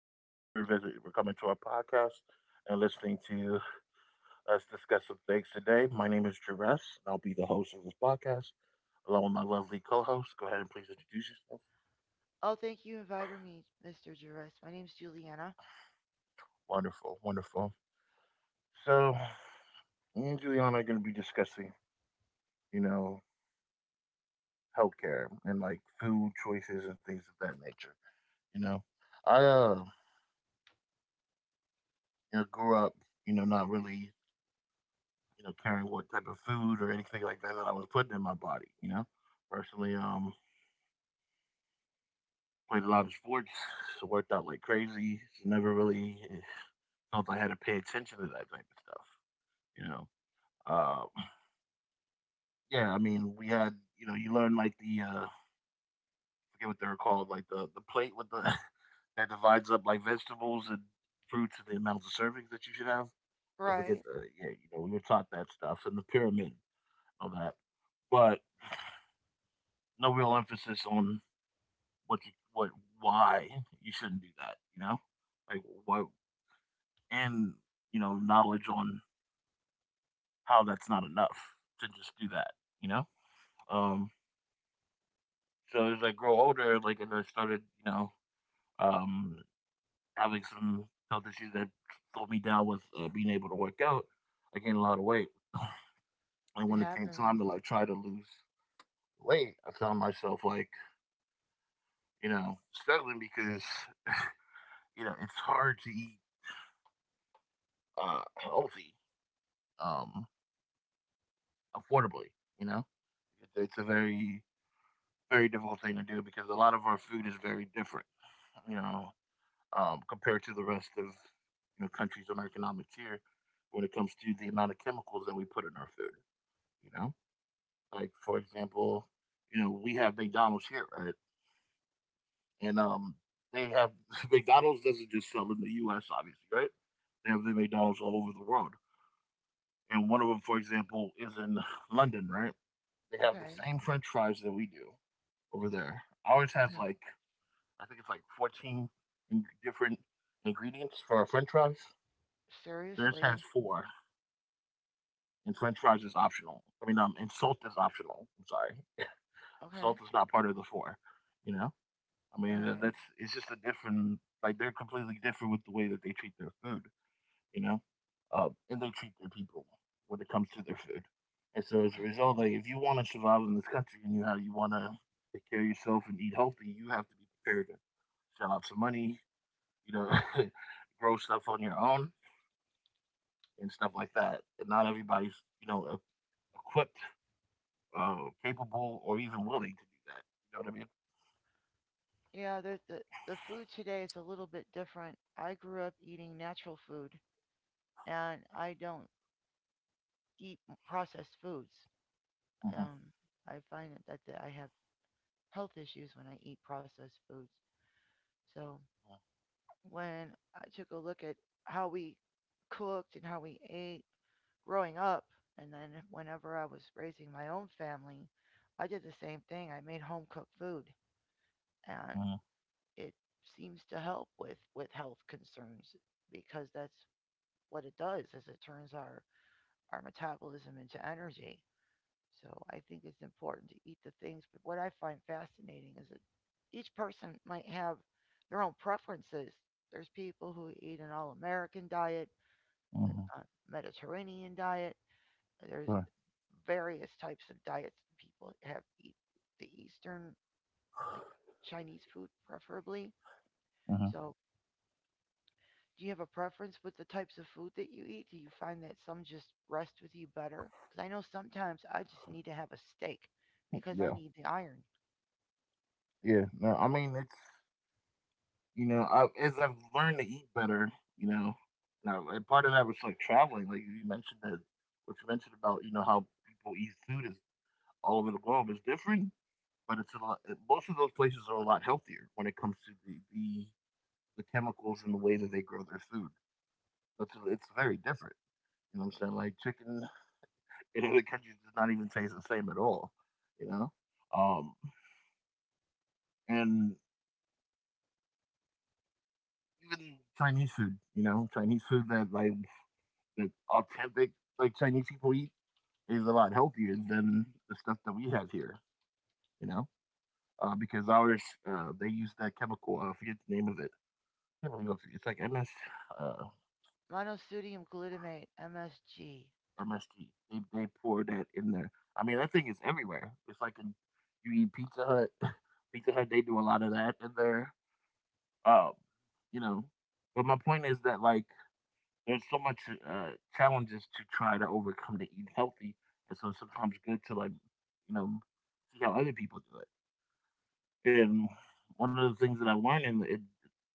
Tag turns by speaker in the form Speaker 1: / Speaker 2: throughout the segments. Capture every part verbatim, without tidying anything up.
Speaker 1: audience for visit for coming to our podcast and listening to us discuss some things today. My name is Jerez, and I'll be the host of this podcast along with my lovely co-host. Go ahead and please introduce yourself.
Speaker 2: Oh, thank you invited me, mister Jervis. My name's Juliana.
Speaker 1: Wonderful, wonderful. So me and Juliana are going to be discussing, you know, healthcare and like food choices and things of that nature. You know, I uh, you know, grew up, you know, not really, you know, caring what type of food or anything like that that I was putting in my body. You know, personally, um, played a lot of sports, so worked out like crazy. So never really eh, felt I had to pay attention to that type of stuff. You know, uh, yeah. I mean, we had you know you learn like the uh, I forget what they're called, like the the plate with the that divides up like vegetables and fruits and the amounts of servings that you should have. I forget
Speaker 2: Right.
Speaker 1: the. Yeah, You know, we were taught that stuff and the pyramid and all that, but no real emphasis on what you what why you shouldn't do that. You know, like, why and you know knowledge on how that's not enough to just do that you know um so as I grow older, like as I started, you know um having some health issues that slowed me down with uh, being able to work out, I gained a lot of weight and
Speaker 2: It
Speaker 1: when it came
Speaker 2: happens.
Speaker 1: time to like try to lose weight, I found myself like, you know struggling, because you know it's hard to eat uh healthy, um affordably, you know it's, it's a very, very difficult thing to do because a lot of our food is very different, you know, um, compared to the rest of you know countries on our economic tier when it comes to the amount of chemicals that we put in our food. You know, like for example, you know we have McDonald's here, right? And um, they have McDonald's doesn't just sell in the U S, obviously, right? They have the McDonald's all over the world. And one of them, for example, is in London, right? They have the
Speaker 2: Okay.
Speaker 1: same French fries that we do over there. Ours has
Speaker 2: Okay.
Speaker 1: like, I think it's like fourteen different ingredients for our French fries. Theirs has
Speaker 2: Seriously.
Speaker 1: four, and French fries is optional. I mean, um, and salt is optional. I'm sorry, salt
Speaker 2: Okay.
Speaker 1: is not part of the four. You know, I
Speaker 2: All right.
Speaker 1: mean, that's it's just a different. Like they're completely different with the way that they treat their food. You know, uh, and they treat their people when it comes to their food. And so as a
Speaker 2: Okay.
Speaker 1: result, like if you want to survive in this country and you have you want to take care of yourself and eat healthy, you have to be prepared to shell out some money, you know, grow stuff on your own and stuff like that. And not everybody's, you know, e-, equipped, uh, capable, or even willing to do that. You know what I mean?
Speaker 2: Yeah, the the the food today is a little bit different. I grew up eating natural food, and I don't eat m- processed foods. Um, I find that, that I have health issues when I eat processed foods. So when I took a look at how we cooked and how we ate growing up, and then whenever I was raising my own family, I did the same thing. I made home cooked food, and it seems to help with with health concerns, because that's what it does is it turns our our metabolism into energy. So I think it's important to eat the things. But what I find fascinating is that each person might have their own preferences. There's people who eat an all American diet,
Speaker 1: Mm-hmm. Mm-hmm. Mm-hmm.
Speaker 2: a Mediterranean diet. There's
Speaker 1: Right.
Speaker 2: various types of diets people have eat the Eastern, like Chinese food, preferably.
Speaker 1: Mm-hmm.
Speaker 2: So, do you have a preference with the types of food that you eat? Do you find that some just rest with you better? Because I know sometimes I just need to have a steak because I
Speaker 1: Yeah,
Speaker 2: need the iron.
Speaker 1: yeah. No, I mean, it's, you know, I, as I've learned to eat better, you know, now, and part of that was like traveling, like you mentioned that, what you mentioned about, you know, how people eat food is all over the globe is different, but it's a lot, most of those places are a lot healthier when it comes to the, the the chemicals and the way that they grow their food. It's, it's very different. You know what I'm saying? Like chicken in other countries does not even taste the same at all. You know, um, and even Chinese food. You know, Chinese food that like that authentic, like, Chinese people eat, is a lot healthier than the stuff that we have here. You know, uh, because ours uh, they use that chemical. Uh, I forget the name of it. It's like M S. Uh,
Speaker 2: Monosodium glutamate, M S G.
Speaker 1: M S G. They they pour that in there. I mean, that thing is everywhere. It's like in, you eat Pizza Hut. Pizza Hut, they do a lot of that in there. Um, you know, but my point is that like there's so much uh, challenges to try to overcome to eat healthy, and so it's sometimes good to like you know see how other people do it. And one of the things that I learned in, in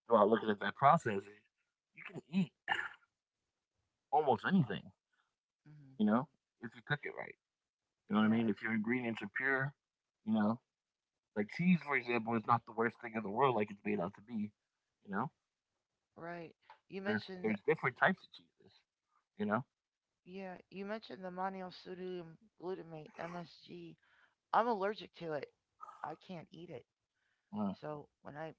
Speaker 1: while looking at that process is you can eat almost anything,
Speaker 2: Hmm.
Speaker 1: you know, if you cook it right. You know what I
Speaker 2: Yeah,
Speaker 1: mean? If your ingredients are pure, you know, like cheese, for example, is not the worst thing in the world, like it's made out to be. You know,
Speaker 2: right. You
Speaker 1: there's
Speaker 2: mentioned the,
Speaker 1: there's different types of cheeses. You know,
Speaker 2: yeah, you mentioned the monosodium glutamate, M S G. I'm allergic to it. I can't eat it.
Speaker 1: Uh,
Speaker 2: So when I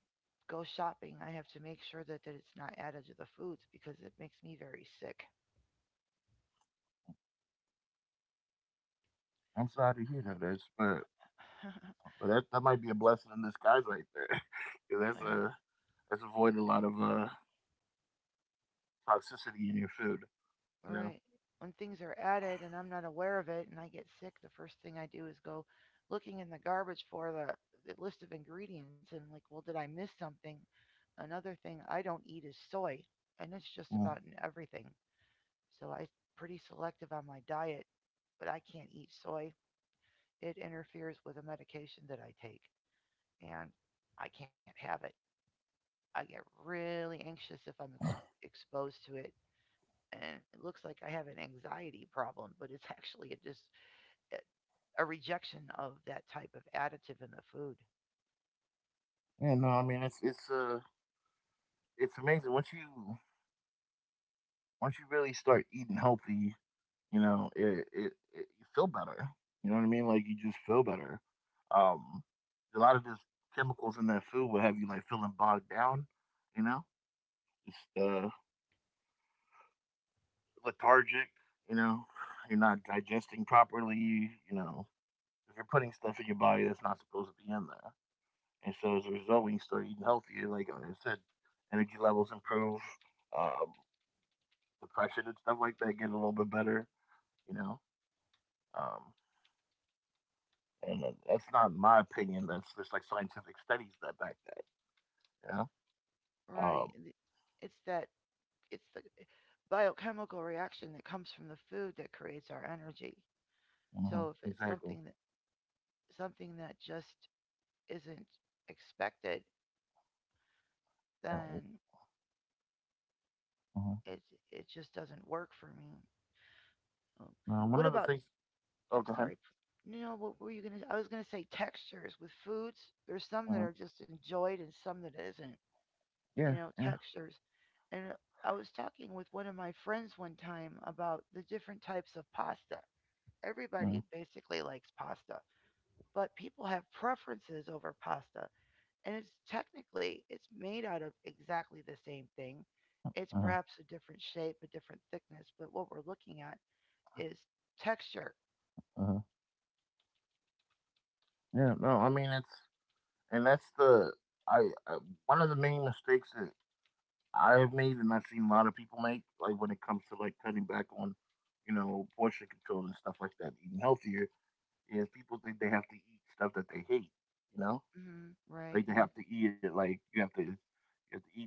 Speaker 2: go shopping, I have to make sure that, that it's not added to the foods because it makes me very sick.
Speaker 1: I'm sorry to hear that, Ash, but but that that might be a blessing in disguise right there. 'Cause that's
Speaker 2: Yeah.
Speaker 1: a that's avoid a lot of uh toxicity in your food.
Speaker 2: All
Speaker 1: You know.
Speaker 2: right. When things are added and I'm not aware of it and I get sick, the first thing I do is go looking in the garbage for the, the list of ingredients and like, well, did I miss something? Another thing I don't eat is soy, and it's just about
Speaker 1: Mm.
Speaker 2: in everything. So I'm pretty selective on my diet, but I can't eat soy. It interferes with a medication that I take, and I can't have it. I get really anxious if I'm ex- exposed to it, and it looks like I have an anxiety problem, but it's actually a just a rejection of that type of additive in the food.
Speaker 1: Yeah, no, I mean it's it's uh it's amazing once you once you really start eating healthy. you know it, it, it You feel better. You know what I mean? Like, you just feel better. um a lot of just chemicals in that food will have you like feeling bogged down, you know just uh lethargic, you know you're not digesting properly, you know if you're putting stuff in your body that's not supposed to be in there. And so as a result, when you start eating healthier, like I said, energy levels improve. um Depression and stuff like that get a little bit better, you know um And that- that's not my opinion. That's just like scientific studies that back that. Yeah.
Speaker 2: Right?
Speaker 1: Um.
Speaker 2: And it's that it's the biochemical reaction that comes from the food that creates our energy.
Speaker 1: Mhm,
Speaker 2: So if it's
Speaker 1: exactly.
Speaker 2: something that something that just isn't expected,
Speaker 1: And
Speaker 2: then
Speaker 1: Mhm.
Speaker 2: it it just doesn't work for me. Um,
Speaker 1: Now, one
Speaker 2: What
Speaker 1: of the
Speaker 2: about
Speaker 1: things. Oh,
Speaker 2: I'm
Speaker 1: go ahead.
Speaker 2: sorry. You know what were you gonna? I was gonna say textures with foods. There's some that
Speaker 1: Hmm.
Speaker 2: are just enjoyed and some that isn't. You
Speaker 1: Yeah,
Speaker 2: know,
Speaker 1: yeah.
Speaker 2: textures. And I was talking with one of my friends one time about the different types of pasta.
Speaker 1: Mm-hmm,
Speaker 2: Everybody basically likes pasta, but people have preferences over pasta. And it's technically it's made out of exactly the same thing. It's perhaps a different shape, a different thickness, but what we're looking at is texture.
Speaker 1: hmm. Yeah. No, I mean it's and that's the I uh, one of the main mistakes that I've made and I've seen a lot of people make, like when it comes to like cutting back on, you know portion control and stuff like that, eating healthier, is people think they have to eat stuff that they hate. You know
Speaker 2: Hmm.
Speaker 1: Like
Speaker 2: Right.
Speaker 1: they have to eat it. Like you have to you have to eat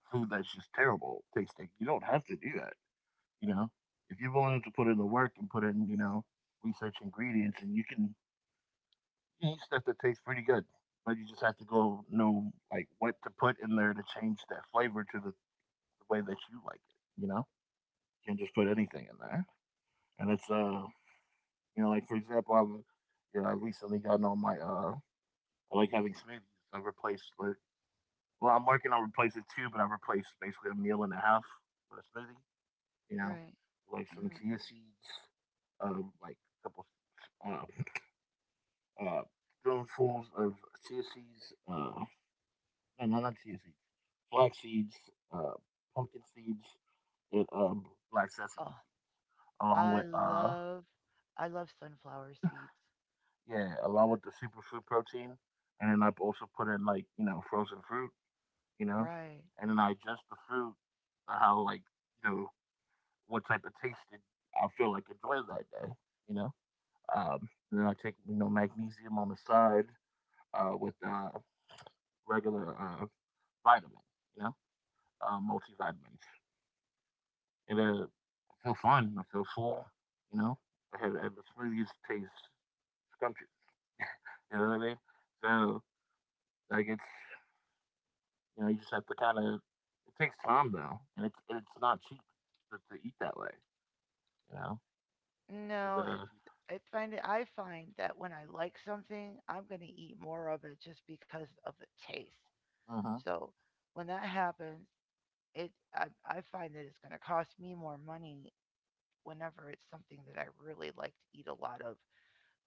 Speaker 1: food that's just terrible tasting. You don't have to do that. You know, if you're willing to put in the work and put in, you know research ingredients, and you can eat stuff that tastes pretty good. But you just have to go know like what to put in there to change that flavor to the, the way that you like it. You know, you can not just put anything in there, and it's uh you know like, for example, I've you know I recently gotten on my uh I like having smoothies. I've replaced like, well, I'm working on replacing two, but I've replaced basically a meal and a half with a smoothie. You know,
Speaker 2: Right.
Speaker 1: like some
Speaker 2: Mhm.
Speaker 1: chia seeds, um, like a couple uh, uh, spoonfuls of chia seeds. Uh, no, no, not chia seeds. Flax seeds, uh, pumpkin seeds, and um, black sesame seeds,
Speaker 2: Oh,
Speaker 1: along
Speaker 2: I
Speaker 1: with uh,
Speaker 2: love I love sunflower seeds.
Speaker 1: yeah, along with the superfood protein. And then I've also put in like, you know frozen fruit, you know,
Speaker 2: Right.
Speaker 1: and then I adjust the fruit, uh, how like, you know what type of taste did I feel like enjoying that day, you know. Um, then I take you know magnesium on the side, uh, with uh, regular uh, vitamin, you know, uh, multivitamins, and uh, I feel fine. I feel full, you know. I had, and the smoothies taste scrumptious, you know what I mean? So, like, it's you know you just have to kind of, it takes time though, and it's it's not cheap to, to eat that way, you know.
Speaker 2: No, it's
Speaker 1: 'Cause,
Speaker 2: I find it I find that when I like something, I'm going to eat more of it just because of the taste.
Speaker 1: uh, mhm.
Speaker 2: So, when that happens, it I I find that it's going to cost me more money whenever it's something that I really like to eat a lot of.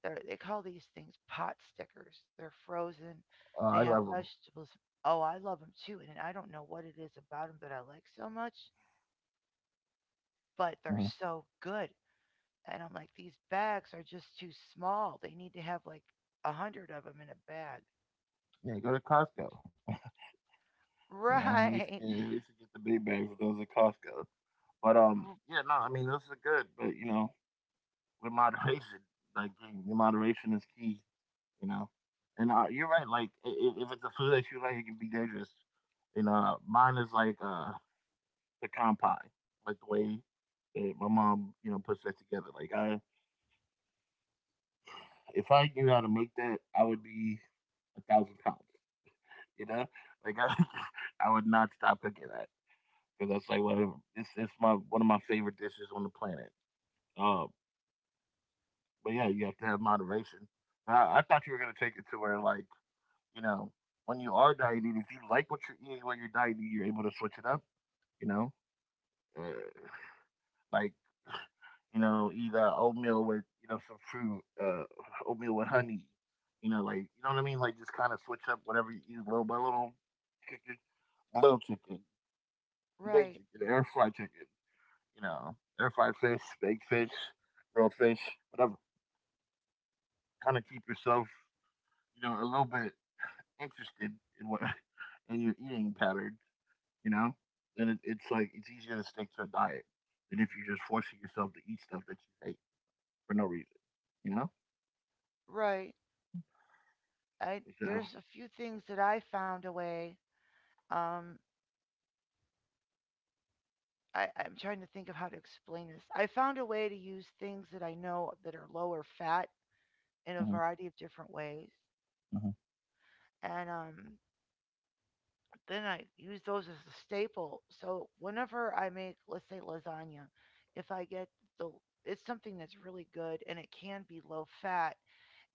Speaker 2: They're, they call these things pot stickers. They're frozen.
Speaker 1: uh,
Speaker 2: They
Speaker 1: I
Speaker 2: have
Speaker 1: love them.
Speaker 2: vegetables. Oh, I love them too, and I don't know what it is about them that I like so much, but they're
Speaker 1: Mm-hmm.
Speaker 2: so good. And I'm like, these bags are just too small. They need to have like a hundred of them in a bag.
Speaker 1: Yeah, go to Costco. You know, we used to get
Speaker 2: Right,
Speaker 1: we used to get the big bags of those at Costco. But um, yeah, no, I mean those are good, but, you know, with moderation, like, in in moderation is key. You know, and uh, you're right. Like, i- i- if it's a food that you like, it can be dangerous. You know, mine is like uh pecan pie, like the way that my mom, you know puts that together. Like I, if I knew how to make that, I would be a thousand pounds. You know, like I, I would not stop cooking that. 'Cause that's like one it's it's my one of my favorite dishes on the planet. Uh, but yeah, you have to have moderation. But I, I thought you were gonna take it to where, like, you know when you are dieting, if you like what you're eating when you're dieting, you're able to switch it up. You know, uh, like you know eat uh, oatmeal with you know some fruit, uh, oatmeal with honey. You know, like you know what I mean. Like just kind of switch up whatever you eat little by little. Chicken, little chicken, big
Speaker 2: right,
Speaker 1: chicken, air fried chicken. You know, air fried fish, baked fish, grilled fish, whatever. Kind of keep yourself, you know, a little bit interested in what in your eating pattern, you know. Then it, it's like it's easier to stick to a diet than if you're just forcing yourself to eat stuff that you hate for no reason, you know.
Speaker 2: right. I
Speaker 1: So.
Speaker 2: There's a few things that I found a way. Um, I, I'm trying to think of how to explain this. I found a way to use things that I know that are lower fat in a
Speaker 1: Hmm.
Speaker 2: variety of different ways.
Speaker 1: Hmm.
Speaker 2: And um, then I use those as a staple. So whenever I make, let's say, lasagna, if I get the it's something that's really good and it can be low fat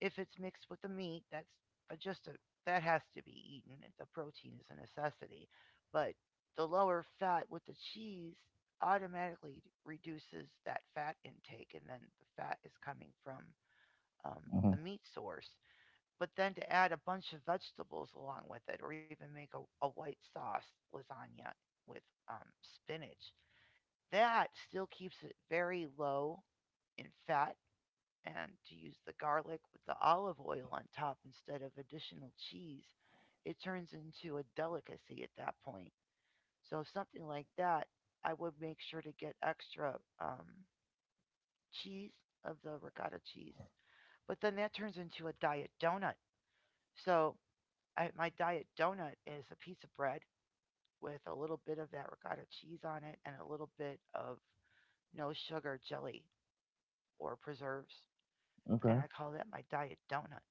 Speaker 2: if it's mixed with the meat. That's uh, just a that has to be eaten. The protein is a necessity, but the lower fat with the cheese automatically reduces that fat intake, and then the fat is coming from um, the
Speaker 1: Hmm.
Speaker 2: meat source, but then to add a bunch of vegetables along with it, or even make a, a white sauce lasagna with um, spinach, that still keeps it very low in fat. And to use the garlic with the olive oil on top instead of additional cheese, it turns into a delicacy at that point. So something like that, I would make sure to get extra um, cheese of the ricotta cheese, but then that turns into a diet donut. So I, my diet donut is a piece of bread with a little bit of that ricotta cheese on it and a little bit of no sugar jelly or preserves. And
Speaker 1: Okay.
Speaker 2: I call that my diet donut.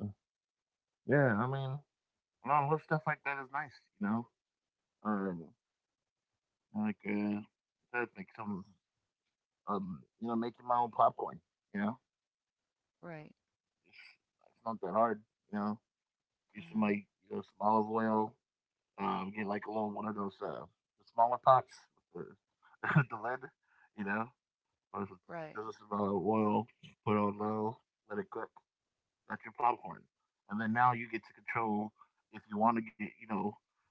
Speaker 1: Uh, yeah, I mean, a lot of little stuff like that is nice, you know. Um, like uh, I think some, um, you know, making my own popcorn, you know.
Speaker 2: Right.
Speaker 1: It's it's not that hard, you know. Use some
Speaker 2: Hmm.
Speaker 1: like you know, some olive oil. Um, get like a little one of those uh, the smaller pots with the, the lid, you know. Or some-
Speaker 2: Right,
Speaker 1: Just some uh, oil, put on low, let it cook. That's your popcorn. And then now you get to control if you want to get, you know,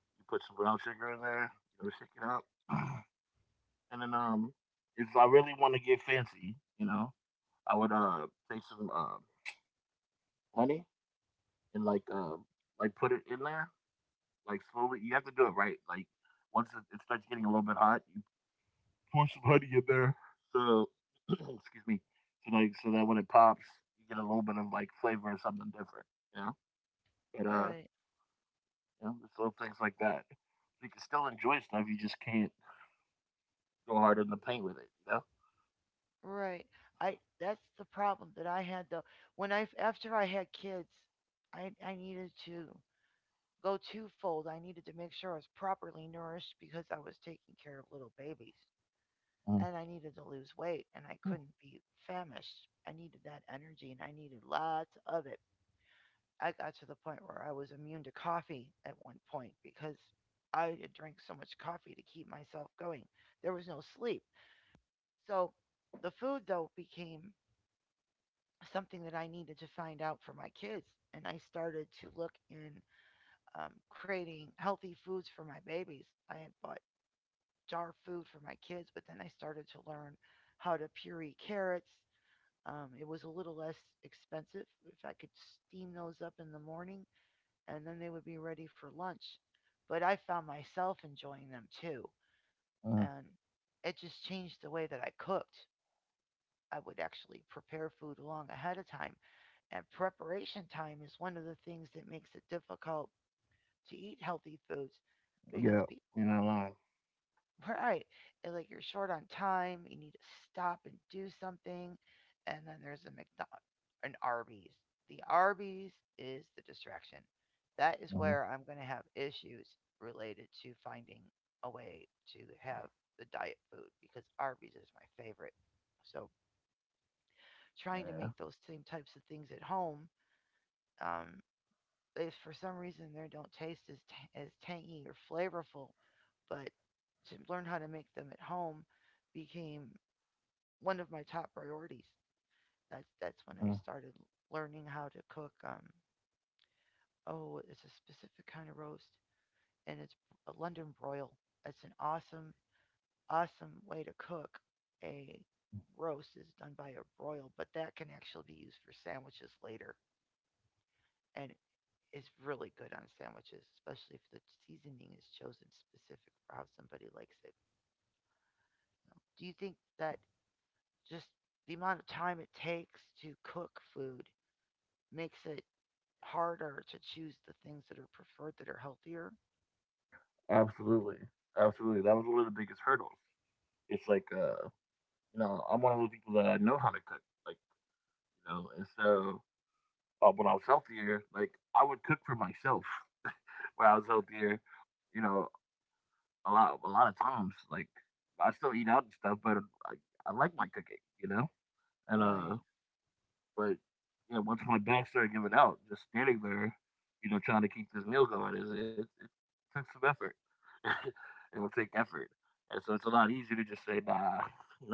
Speaker 1: you put some brown sugar in there, you know, shake it up. And then um, if I really want to get fancy, you know, I would uh take some uh honey and like uh like put it in there. Like slowly, you have to do it right. Like once it, it starts getting a little bit hot, you pour some honey in there. So excuse me. So like so that when it pops, you get a little bit of like flavor or something different. You know. But uh,
Speaker 2: right,
Speaker 1: you know, just little things like that. You can still enjoy stuff. You just can't go hard in the paint with it. You
Speaker 2: right. I That's the problem that I had though. When I After I had kids, I I needed to go twofold. I needed to make sure I was properly nourished because I was taking care of little babies,
Speaker 1: know.
Speaker 2: and I needed to lose weight, and I couldn't be famished. I needed that energy, and I needed lots of it. I got to the point where I was immune to coffee at one point because I had drank so much coffee to keep myself going. There was no sleep. So the food though became something that I needed to find out for my kids, and I started to look in, um, creating healthy foods for my babies. I had bought jar food for my kids, but then I started to learn how to puree carrots. Um, it was a little less expensive if I could steam those up in the morning, and then they would be ready for lunch. But I found myself enjoying them too,
Speaker 1: Mm,
Speaker 2: and it just changed the way that I cooked. I would actually prepare food long ahead of time, and preparation time is one of the things that makes it difficult to eat healthy foods, because
Speaker 1: yeah.
Speaker 2: people...
Speaker 1: You're not lying.
Speaker 2: Right. And like you're short on time, you need to stop and do something. And then there's a McDonald an Arby's. The Arby's is the distraction. That is
Speaker 1: Hmm.
Speaker 2: where I'm going to have issues related to finding a way to have the diet food because Arby's is my favorite. So trying to
Speaker 1: Yeah.
Speaker 2: make those same types of things at home, um, they for some reason they don't taste as t- as tangy or flavorful, but to learn how to make them at home became one of my top priorities. That's that's when
Speaker 1: Mm-hmm.
Speaker 2: I started learning how to cook. Um, oh, it's a specific kind of roast, and it's a London broil. It's an awesome, awesome way to cook a roast is done by a broil, but that can actually be used for sandwiches later. And is really good on sandwiches, especially if the seasoning is chosen specific for how somebody likes it. you know. Do you think that just the amount of time it takes to cook food makes it harder to choose the things that are preferred that are healthier?
Speaker 1: Absolutely. Absolutely. That was one of the biggest hurdles. It's like uh, you know, I'm one of those people that I know how to cook. Like, you know, and so uh, when I was healthier, like I would cook for myself when I was healthier. You know, a lot a lot of times, like I still eat out and stuff, but I, I like my cooking. You know, and
Speaker 2: Right.
Speaker 1: uh, but yeah, once my back started giving out, just standing there, you know, trying to keep this meal going, it, it, it took some effort. It will take effort, and so it's a lot easier to just say, nah, you know what,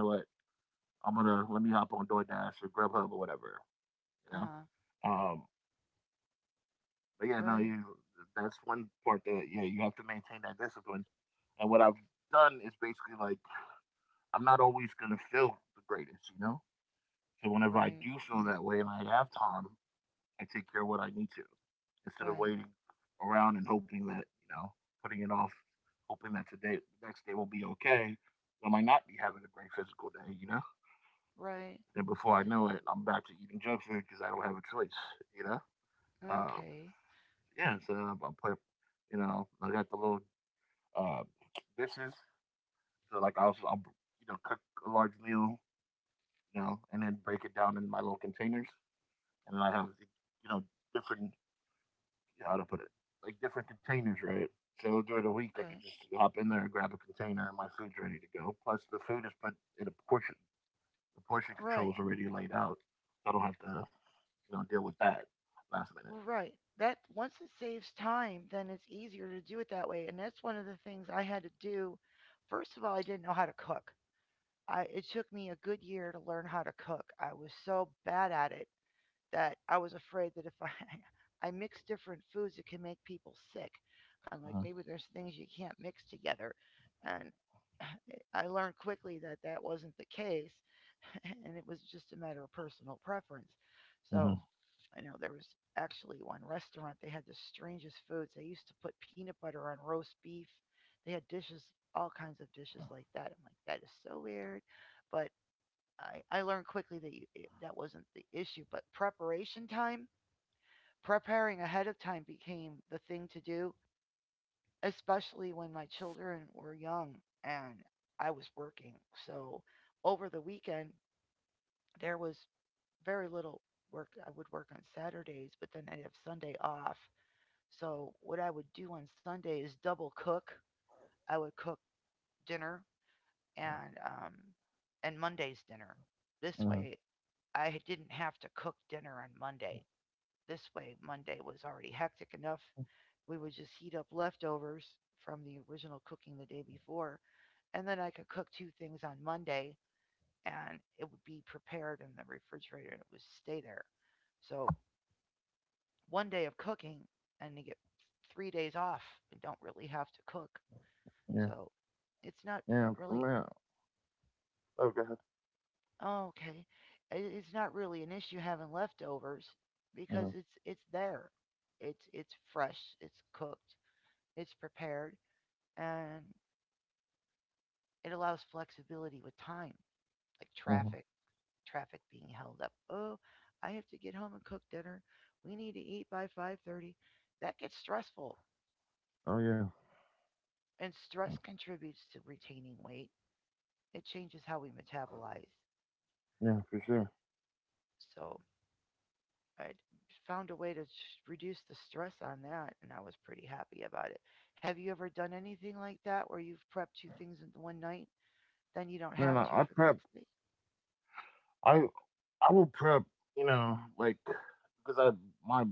Speaker 1: I'm gonna let me hop on DoorDash or Grubhub or whatever. You know,
Speaker 2: Uh-huh.
Speaker 1: um, But yeah, no,
Speaker 2: Right,
Speaker 1: you that's one part that yeah, you have to maintain that discipline. And what I've done is basically like I'm not always gonna feel the greatest, you know? So whenever I
Speaker 2: right,
Speaker 1: do feel that way and I have time, I take care of what I need to instead of
Speaker 2: right,
Speaker 1: waiting around and hoping that, you know, putting it off, hoping that today the next day will be okay. I might not be having a great physical day, you know?
Speaker 2: right.
Speaker 1: And before I know it, I'm back to eating junk food because I don't have a choice, you know? Um,
Speaker 2: Okay.
Speaker 1: yeah, so I play, you know, I got the little uh, dishes. So like I'll, I'll you know cook a large meal, you know, and then break it down in my little containers, and then I have you know different you know, how to put it like different containers, right? So during the week, I could
Speaker 2: Okay.
Speaker 1: just hop in there, grab a container, and my food's ready to go. Plus, the food is put in a portion. The portion control
Speaker 2: Right.
Speaker 1: is already laid out, so I don't have to you know deal with that last minute.
Speaker 2: Right. That once it saves time, then it's easier to do it that way. And that's one of the things I had to do. First of all, I didn't know how to cook. I It took me a good year to learn how to cook. I was so bad at it that I was afraid that if I I mix different foods, it can make people sick. I'm like
Speaker 1: Uh-huh.
Speaker 2: maybe there's things you can't mix together, and I learned quickly that that wasn't the case, and it was just a matter of personal preference.
Speaker 1: Uh-huh.
Speaker 2: So I know there was actually one restaurant they had the strangest foods. They used to put peanut butter on roast beef. They had dishes, all kinds of dishes like that. I'm like that is so weird, but I, I learned quickly that you, that wasn't the issue, but preparation time, preparing ahead of time became the thing to do, especially when my children were young and I was working. So over the weekend, there was very little work. I would work on Saturdays, but then I'd have Sunday off. So what I would do on Sunday is double cook. I would cook dinner, and um, and Monday's dinner. This
Speaker 1: Uh-huh.
Speaker 2: way, I didn't have to cook dinner on Monday. This way, Monday was already hectic enough. We would just heat up leftovers from the original cooking the day before, and then I could cook two things on Monday, and it would be prepared in the refrigerator and it would stay there. So, one day of cooking and you get three days off and don't really have to cook.
Speaker 1: Yeah.
Speaker 2: So, it's not
Speaker 1: Yeah.
Speaker 2: really
Speaker 1: Man. Okay.
Speaker 2: oh, okay. It's not really an issue having leftovers because
Speaker 1: Uh-huh.
Speaker 2: it's it's there. It's it's fresh, it's cooked, it's prepared, and it allows flexibility with time, like
Speaker 1: Uh-huh.
Speaker 2: traffic, traffic being held up. Oh, I have to get home and cook dinner. We need to eat by five thirty. That gets stressful,
Speaker 1: Oh yeah.
Speaker 2: and stress contributes to retaining weight. It changes how we metabolize.
Speaker 1: Yeah, for sure.
Speaker 2: So I found a way to reduce the stress on that, and I was pretty happy about it. Have you ever done anything like that where you've prepped two things in one night, then you don't
Speaker 1: Man,
Speaker 2: have
Speaker 1: I,
Speaker 2: to
Speaker 1: I
Speaker 2: for the
Speaker 1: prep
Speaker 2: next day?
Speaker 1: I I will prep, you know, like because I my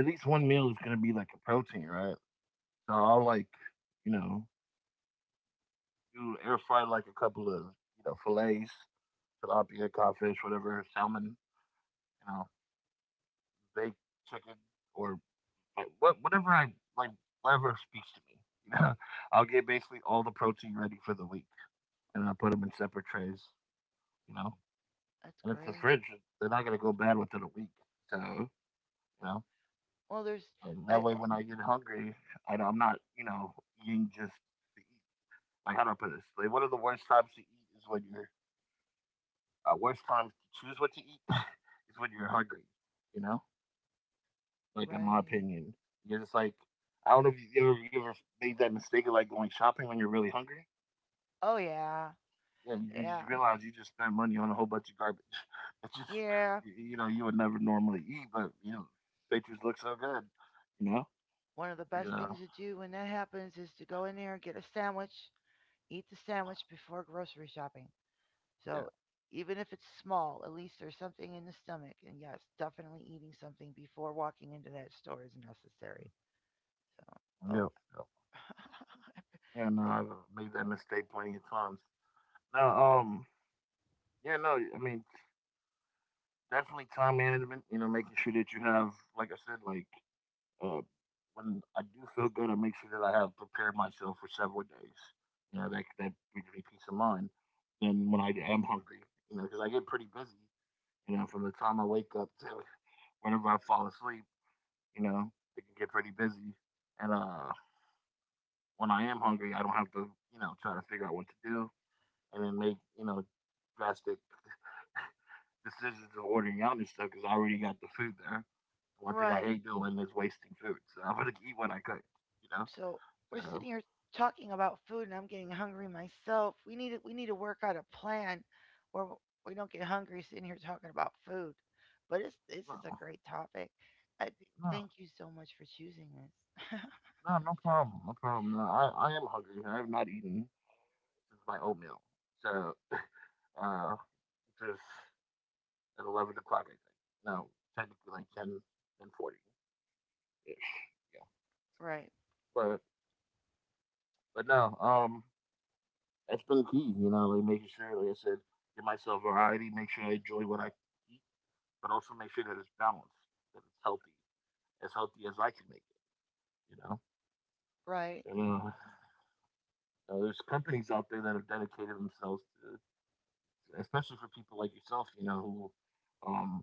Speaker 1: at least one meal is gonna be like a protein, right? So I'll like, you know, do air fry like a couple of you know fillets, tilapia, codfish, whatever, salmon, you know, baked chicken or like, what whatever I like, whatever speaks to me. You know, I'll get basically all the protein ready for the week, and I put them in separate trays, you know,
Speaker 2: That's
Speaker 1: and it's the
Speaker 2: great.
Speaker 1: fridge. They're not gonna go bad within a week, so you know.
Speaker 2: Well, there's
Speaker 1: And that
Speaker 2: I,
Speaker 1: way, when I get hungry, I, I'm not, you know, eating just to eat. Like, how do I put this? Like, one of the worst times to eat is when you're, uh, worst times to choose what to eat is when you're hungry, you know? Like, in my
Speaker 2: right.
Speaker 1: opinion, you're just like, I don't know if you ever, you ever made that mistake of like going shopping when you're really hungry.
Speaker 2: Oh yeah.
Speaker 1: Yeah, you, you just
Speaker 2: Yeah.
Speaker 1: realize you just spent money on a whole bunch of garbage. It's just,
Speaker 2: Yeah.
Speaker 1: y- you know, you would never normally eat, but, you know, pictures look so good, you know?
Speaker 2: One of the best
Speaker 1: Yeah,
Speaker 2: things to do when that happens is to go in there and get a sandwich, eat the sandwich before grocery shopping. So even if it's small, at least there's something in the stomach. And yes, definitely eating something before walking into that store is necessary. So,
Speaker 1: yeah,
Speaker 2: oh,
Speaker 1: yeah. Yeah, no,
Speaker 2: it,
Speaker 1: I've made that mistake plenty of times. Now, um, yeah, no, I mean, definitely time management. You know, making sure that you have, like I said, like uh, when I do feel good, I make sure that I have prepared myself for several days. You know, that that gives me peace of mind. Then when I am hungry, you know, because I get pretty busy. You know, from the time I wake up to whenever I fall asleep, you know, it can get pretty busy. And uh, when I am hungry, I don't have to, you know, try to figure out what to do. And then make you know drastic decisions of ordering out and stuff because I already got the food there. One thing I
Speaker 2: right.
Speaker 1: hate doing is wasting food, so I'm gonna eat what I cook. You know,
Speaker 2: So we're
Speaker 1: so
Speaker 2: sitting here talking about food, and I'm getting hungry myself. We need to, we need to work out a plan where we don't get hungry sitting here talking about food. But it's this is
Speaker 1: no,
Speaker 2: a great topic. I th- thank
Speaker 1: no,
Speaker 2: you so much for choosing this.
Speaker 1: no, no
Speaker 2: That's funny.
Speaker 1: problem, no problem. No, I, I am hungry. I have not eaten since my oatmeal, so uh, which is at eleven o'clock, I think. No, technically like ten ten forty ten ish. Yeah,
Speaker 2: Right,
Speaker 1: but but no, um, that's been key, you know, like making sure, like I said, give myself variety, make sure I enjoy what I eat, but also make sure that it's balanced, that it's healthy, as healthy as I can make it, you know?
Speaker 2: right,
Speaker 1: And uh, uh, there's companies out there that have dedicated themselves to, especially for people like yourself, you know, who um,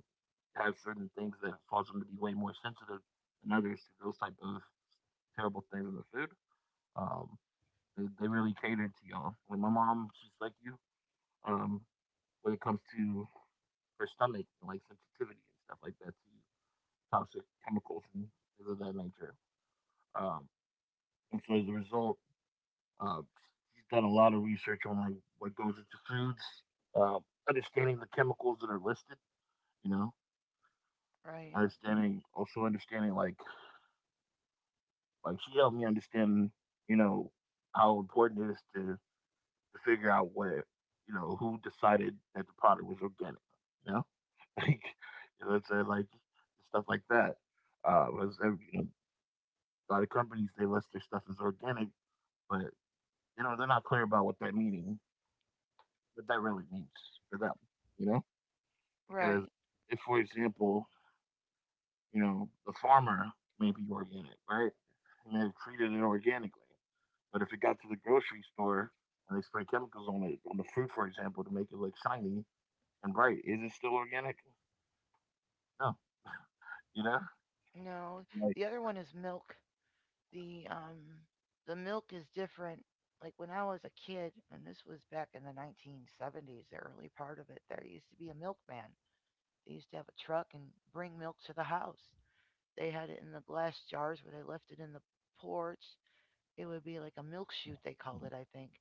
Speaker 1: have certain things that cause them to be way more sensitive than others to those type of terrible things in the food. Um, they, they really catered to y'all. Like my mom, she's like you, um, when it comes to her stomach and like sensitivity and stuff like that to toxic chemicals and things of that nature. Um, and so as a result, uh, she's done a lot of research on like what goes into foods, uh, understanding the chemicals that are listed. You know,
Speaker 2: right,
Speaker 1: understanding also understanding like like she helped me understand you know how important it is to to figure out what you know who decided that the product was organic. You know, like you know, it's uh, like stuff like that. Uh, was uh, you know a lot of companies they list their stuff as organic, but you know they're not clear about what that meaning, what that really means for them. You know, because
Speaker 2: right.
Speaker 1: if, for example, you know the farmer may be organic, right? And they've treated it organically, but if it got to the grocery store and they spray chemicals on it, on the fruit, for example, to make it look shiny and bright, is it still organic? No, you know,
Speaker 2: No,
Speaker 1: like
Speaker 2: the other one is milk. The um the milk is different. Like when I was a kid, and this was back in the nineteen seventies, the early part of it, there used to be a milkman. They used to have a truck and bring milk to the house. They had it in the glass jars where they left it in the porch. It would be like a milk chute, they called it, I think.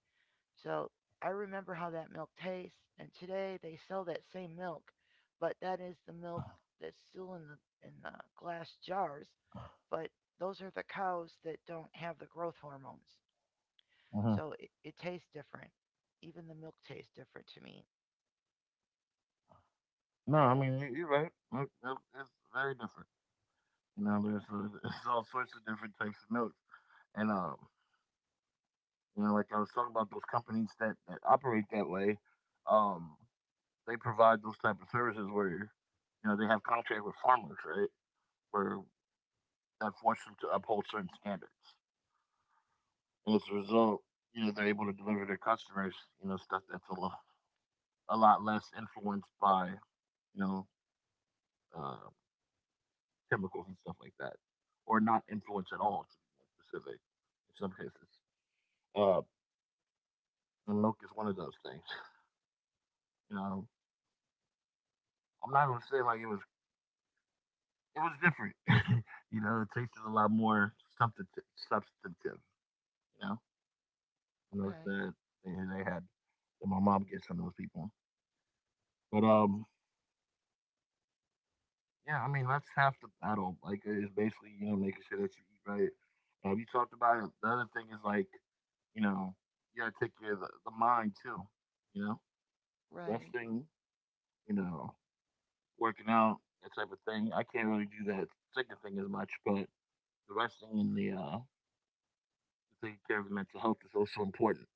Speaker 2: So I remember how that milk tastes. And today they sell that same milk, but that is the milk that's still in the in the glass jars. But those are the cows that don't have the growth hormones.
Speaker 1: uh-huh.
Speaker 2: So it, it tastes different. Even the milk tastes different to me.
Speaker 1: No. I mean, you- you're right. It- it- It's very different. You know, there's, uh there's all sorts of different types of milk. And um, you know, like I was talking about those companies that, that operate that way, um, they provide those type of services where you know they have contract with farmers, right? Where that forces them to uphold certain standards, and as a result, you know, they're able to deliver their customers, you know, stuff that's a lot a lot less influenced by you know uh, chemicals and stuff like that, or not influenced at all, to be more specific. In some cases, uh, and milk is one of those things. You know, I'm not gonna say like it was it was different. you know, It tasted a lot more substantive. Substantive, you know, you know
Speaker 2: Okay,
Speaker 1: that they, they had that my mom gets from those people. But um, yeah, I mean that's half the battle. Like uh, it's basically you know making sure that you eat right. Um, you talked about it. The other thing is like, you know, you gotta take care of the, the mind too. You know,
Speaker 2: right.
Speaker 1: resting. You know, working out that type of thing. I can't really do that second thing as much, but the resting and the uh, taking care of your mental health is also important.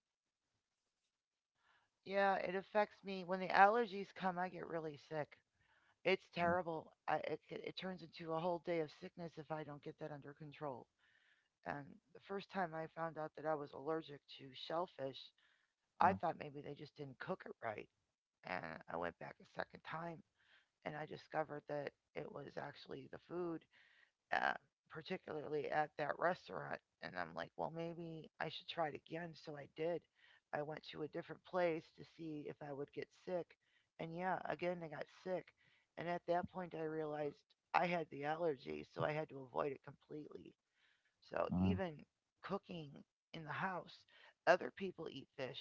Speaker 2: Yeah, it affects me. When the allergies come, I get really sick. It's
Speaker 1: Uh,
Speaker 2: terrible. I, it, c- it turns into a whole day of sickness if I don't get that under control. And the first time I found out that I was allergic to shellfish, I
Speaker 1: Mm,
Speaker 2: thought maybe they just didn't cook it right. And I went back a second time and I discovered that it was actually the food, uh, particularly at that restaurant. And I'm like, well, maybe I should try it again. So I did. I went to a different place to see if I would get sick. And yeah, again, I got sick. And at that point, I realized I had the allergy, so I had to avoid it completely. So
Speaker 1: mm,
Speaker 2: even cooking in the house, other people eat fish,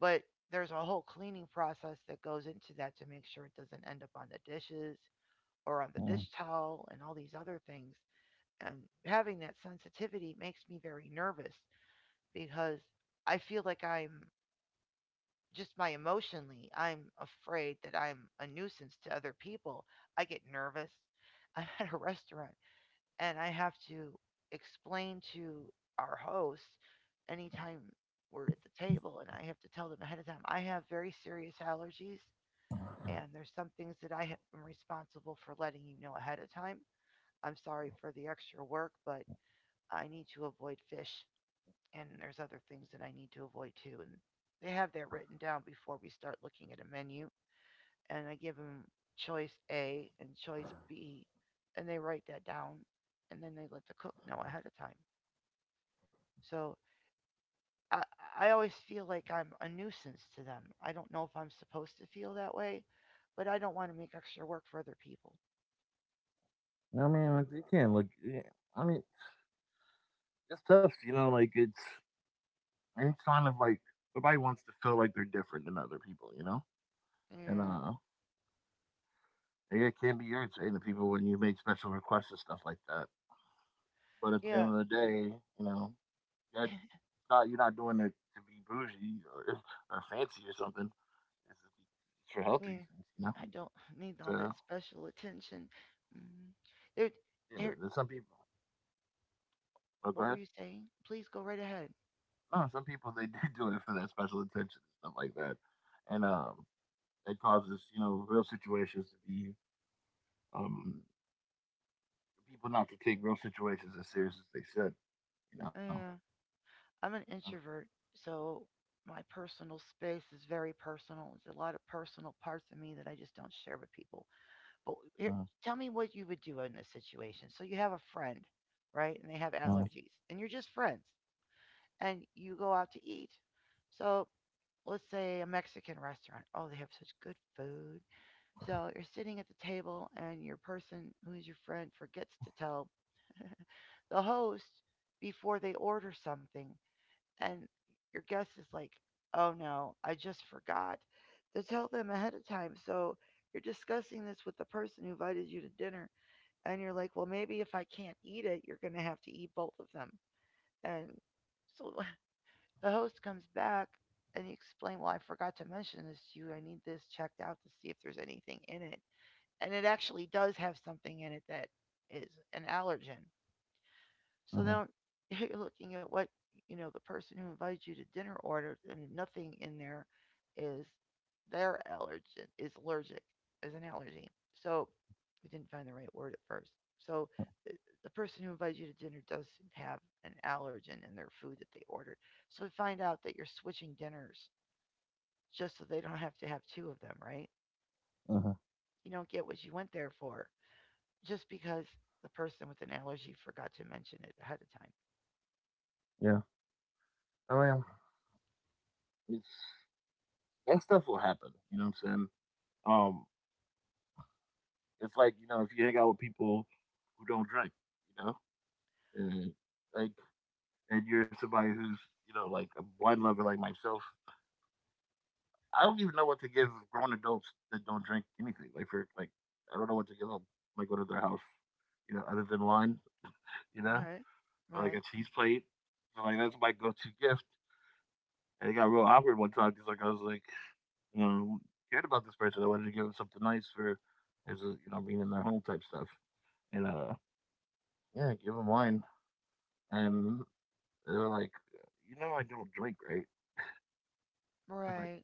Speaker 2: but there's a whole cleaning process that goes into that to make sure it doesn't end up on the dishes or on the dish
Speaker 1: mm.
Speaker 2: towel and all these other things. Um, having that sensitivity makes me very nervous because I feel like I'm just my emotionally, I'm afraid that I'm a nuisance to other people. I get nervous. I'm at a restaurant and I have to explain to our host anytime we're at the table and I have to tell them ahead of time I have very serious allergies and there's some things that I am responsible for letting you know ahead of time. I'm sorry for the extra work, but I need to avoid fish and there's other things that I need to avoid too. And they have that written down before we start looking at a menu. And I give them choice A and choice B, and they write that down, and then they let the cook know ahead of time. So I, I always feel like I'm a nuisance to them. I don't know if I'm supposed to feel that way, but I don't want to make extra work for other people.
Speaker 1: I mean, like you can like. Yeah, I mean, it's tough. You know, like it's any kind of like nobody wants to feel like they're different than other people. You know, and
Speaker 2: Yeah,
Speaker 1: uh, yeah, it can be irritating to people when you make special requests and stuff like that. But at the
Speaker 2: yeah,
Speaker 1: end of the day, you know, you got not, you're not doing it to be bougie, or, or fancy or something. It's, just be- it's for health
Speaker 2: yeah.
Speaker 1: reasons. You know,
Speaker 2: I don't need all that
Speaker 1: so
Speaker 2: special attention. Mm. There,
Speaker 1: yeah,
Speaker 2: here,
Speaker 1: there's some people. Oh, go
Speaker 2: What were
Speaker 1: ahead.
Speaker 2: you saying? Please go right ahead.
Speaker 1: No, some people they do do it for that special attention and stuff like that. And um, That causes, you know, real situations to be um, people not to take real situations as serious as they should. You know.
Speaker 2: Uh, I'm an introvert, so my personal space is very personal. There's a lot of personal parts of me that I just don't share with people. But here,
Speaker 1: Uh,
Speaker 2: tell me what you would do in this situation. So you have a friend, right? And they have
Speaker 1: uh,
Speaker 2: allergies, and you're just friends, and you go out to eat. So let's say a Mexican restaurant. Oh, they have such good food. So you're sitting at the table, and your person who is your friend forgets to tell the host before they order something. And your guest is like, oh no, I just forgot to tell them ahead of time. So you're discussing this with the person who invited you to dinner. And you're like, well, maybe if I can't eat it, you're going to have to eat both of them. And so the host comes back and you explain, well, I forgot to mention this to you. I need this checked out to see if there's anything in it. And it actually does have something in it that is an allergen. So
Speaker 1: uh,
Speaker 2: now you're looking at what you know the person who invites you to dinner orders, and nothing in there is their allergen is allergic is an allergy. So we didn't find the right word at first. So the, the person who invites you to dinner doesn't have an allergen in their food that they ordered. So find out that you're switching dinners just so they don't have to have two of them, right?
Speaker 1: uh,
Speaker 2: You don't get what you went there for just because the person with an allergy forgot to mention it ahead of
Speaker 1: yeah. I mean, it's that stuff will happen. You know what I'm saying? Um, it's like, you know, if you hang out with people who don't drink, you know, and like and you're somebody who's, you know, like a wine lover like myself. I don't even know what to give grown adults that don't drink anything. Like for like, I don't know what to give them. Like go to their house, you know, other than wine. You
Speaker 2: time.
Speaker 1: know,
Speaker 2: Okay.
Speaker 1: or like
Speaker 2: Right.
Speaker 1: a cheese plate. So like that's my go-to gift. And it got real awkward one time because like I was like, you know, cared about this person. I wanted to give them something nice for, as a, you know, being in their home type stuff. And uh, Yeah, give them wine. And they were like, you know, I don't drink, right? I was like,
Speaker 2: Right.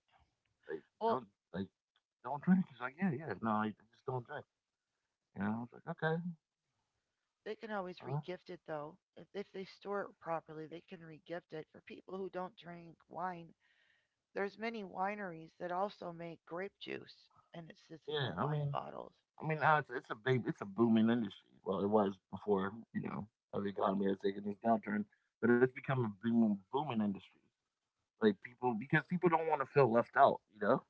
Speaker 1: like
Speaker 2: Well,
Speaker 1: don't like don't drink. He's like, yeah, yeah, no, I just don't drink. You know, I was like, okay,
Speaker 2: they can always
Speaker 1: uh,
Speaker 2: regift it though. If if they store it properly, they can regift it. For people who don't drink wine, there's many wineries that also make grape juice and it sits in the
Speaker 1: yeah. I
Speaker 2: wine
Speaker 1: mean,
Speaker 2: bottles.
Speaker 1: I mean, now it's it's a big, it's a booming industry. Well, it was before, you know, uh, the economy has taken this downturn, but it's become a boom, booming industry. Like people, because people don't want to feel left out. You know,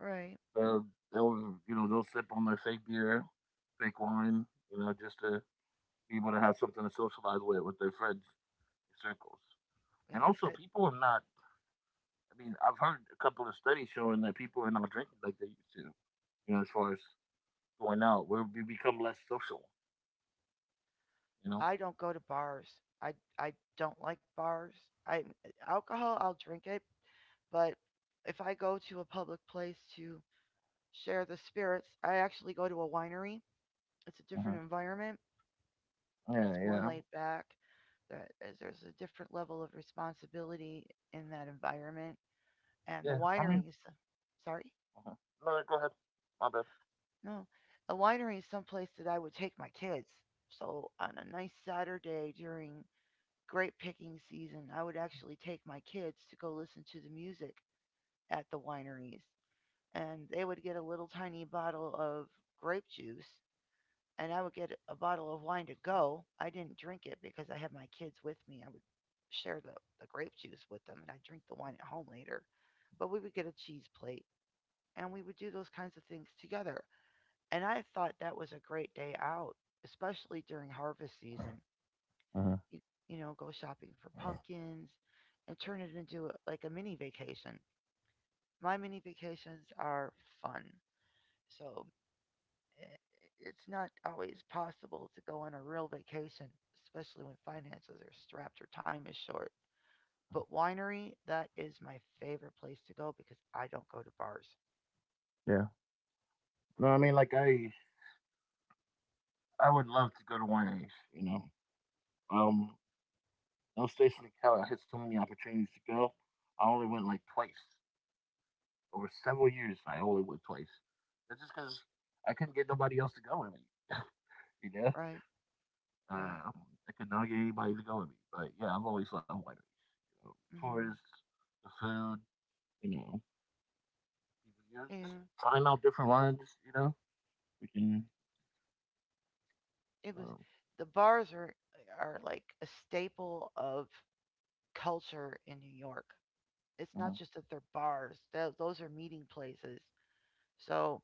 Speaker 2: Right.
Speaker 1: uh, they'll, you know, they'll sip on their fake beer, fake wine, you know, just to be able to have something to socialize with with their friends circles. And
Speaker 2: Yeah,
Speaker 1: also,
Speaker 2: that
Speaker 1: people are not. I mean, I've heard a couple of studies showing that people are not drinking like they used to. You know, as far as going out, where we become less social. You know.
Speaker 2: I don't go to bars. I I don't like bars. I Alcohol I'll drink it, but if I go to a public place to share the spirits, I actually go to a winery. It's a
Speaker 1: Mm-hmm.
Speaker 2: different environment.
Speaker 1: Yeah,
Speaker 2: It's more
Speaker 1: yeah,
Speaker 2: laid back. There, there's- there's a different level of responsibility in that environment. And the
Speaker 1: yeah. I mean,
Speaker 2: wineries, sorry,
Speaker 1: uh no, go ahead. My bad.
Speaker 2: no, the winery is someplace that I would take my kids. So on a nice Saturday during grape picking season, I would actually take my kids to go listen to the music at the wineries. And they would get a little tiny bottle of grape juice and I would get a bottle of wine to go. I didn't drink it because I had my kids with me. I would share the, the grape juice with them and I'd drink the wine at home later. But we would get a cheese plate and we would do those kinds of things together. And I thought that was a great day out, especially during harvest season.
Speaker 1: Uh-huh.
Speaker 2: You, you know, go shopping for pumpkins and turn it into a, like a mini vacation. My mini vacations are fun. So eh, it's not always possible to go on a real vacation, especially when finances are strapped or time is short. But winery, that is my favorite place to go because I don't go to bars.
Speaker 1: Yeah. No, I mean, like I, I would love to go to wineries. You know, um, I was stationed in Cali. I had so many opportunities to go. I only went like twice over several years. I only went twice. That's just because I couldn't get nobody else to go with me. You know,
Speaker 2: Right, right.
Speaker 1: um, I could not get anybody to go with me. But yeah, I've always loved wineries. You know,
Speaker 2: Hmm.
Speaker 1: tourists, the food. You know, you know, just
Speaker 2: Yeah,
Speaker 1: trying out different wines. You know, we can.
Speaker 2: it was.
Speaker 1: um,
Speaker 2: The bars are are like a staple of culture in New York. It's not
Speaker 1: Mhm,
Speaker 2: just that they're bars; tho- those are meeting places. So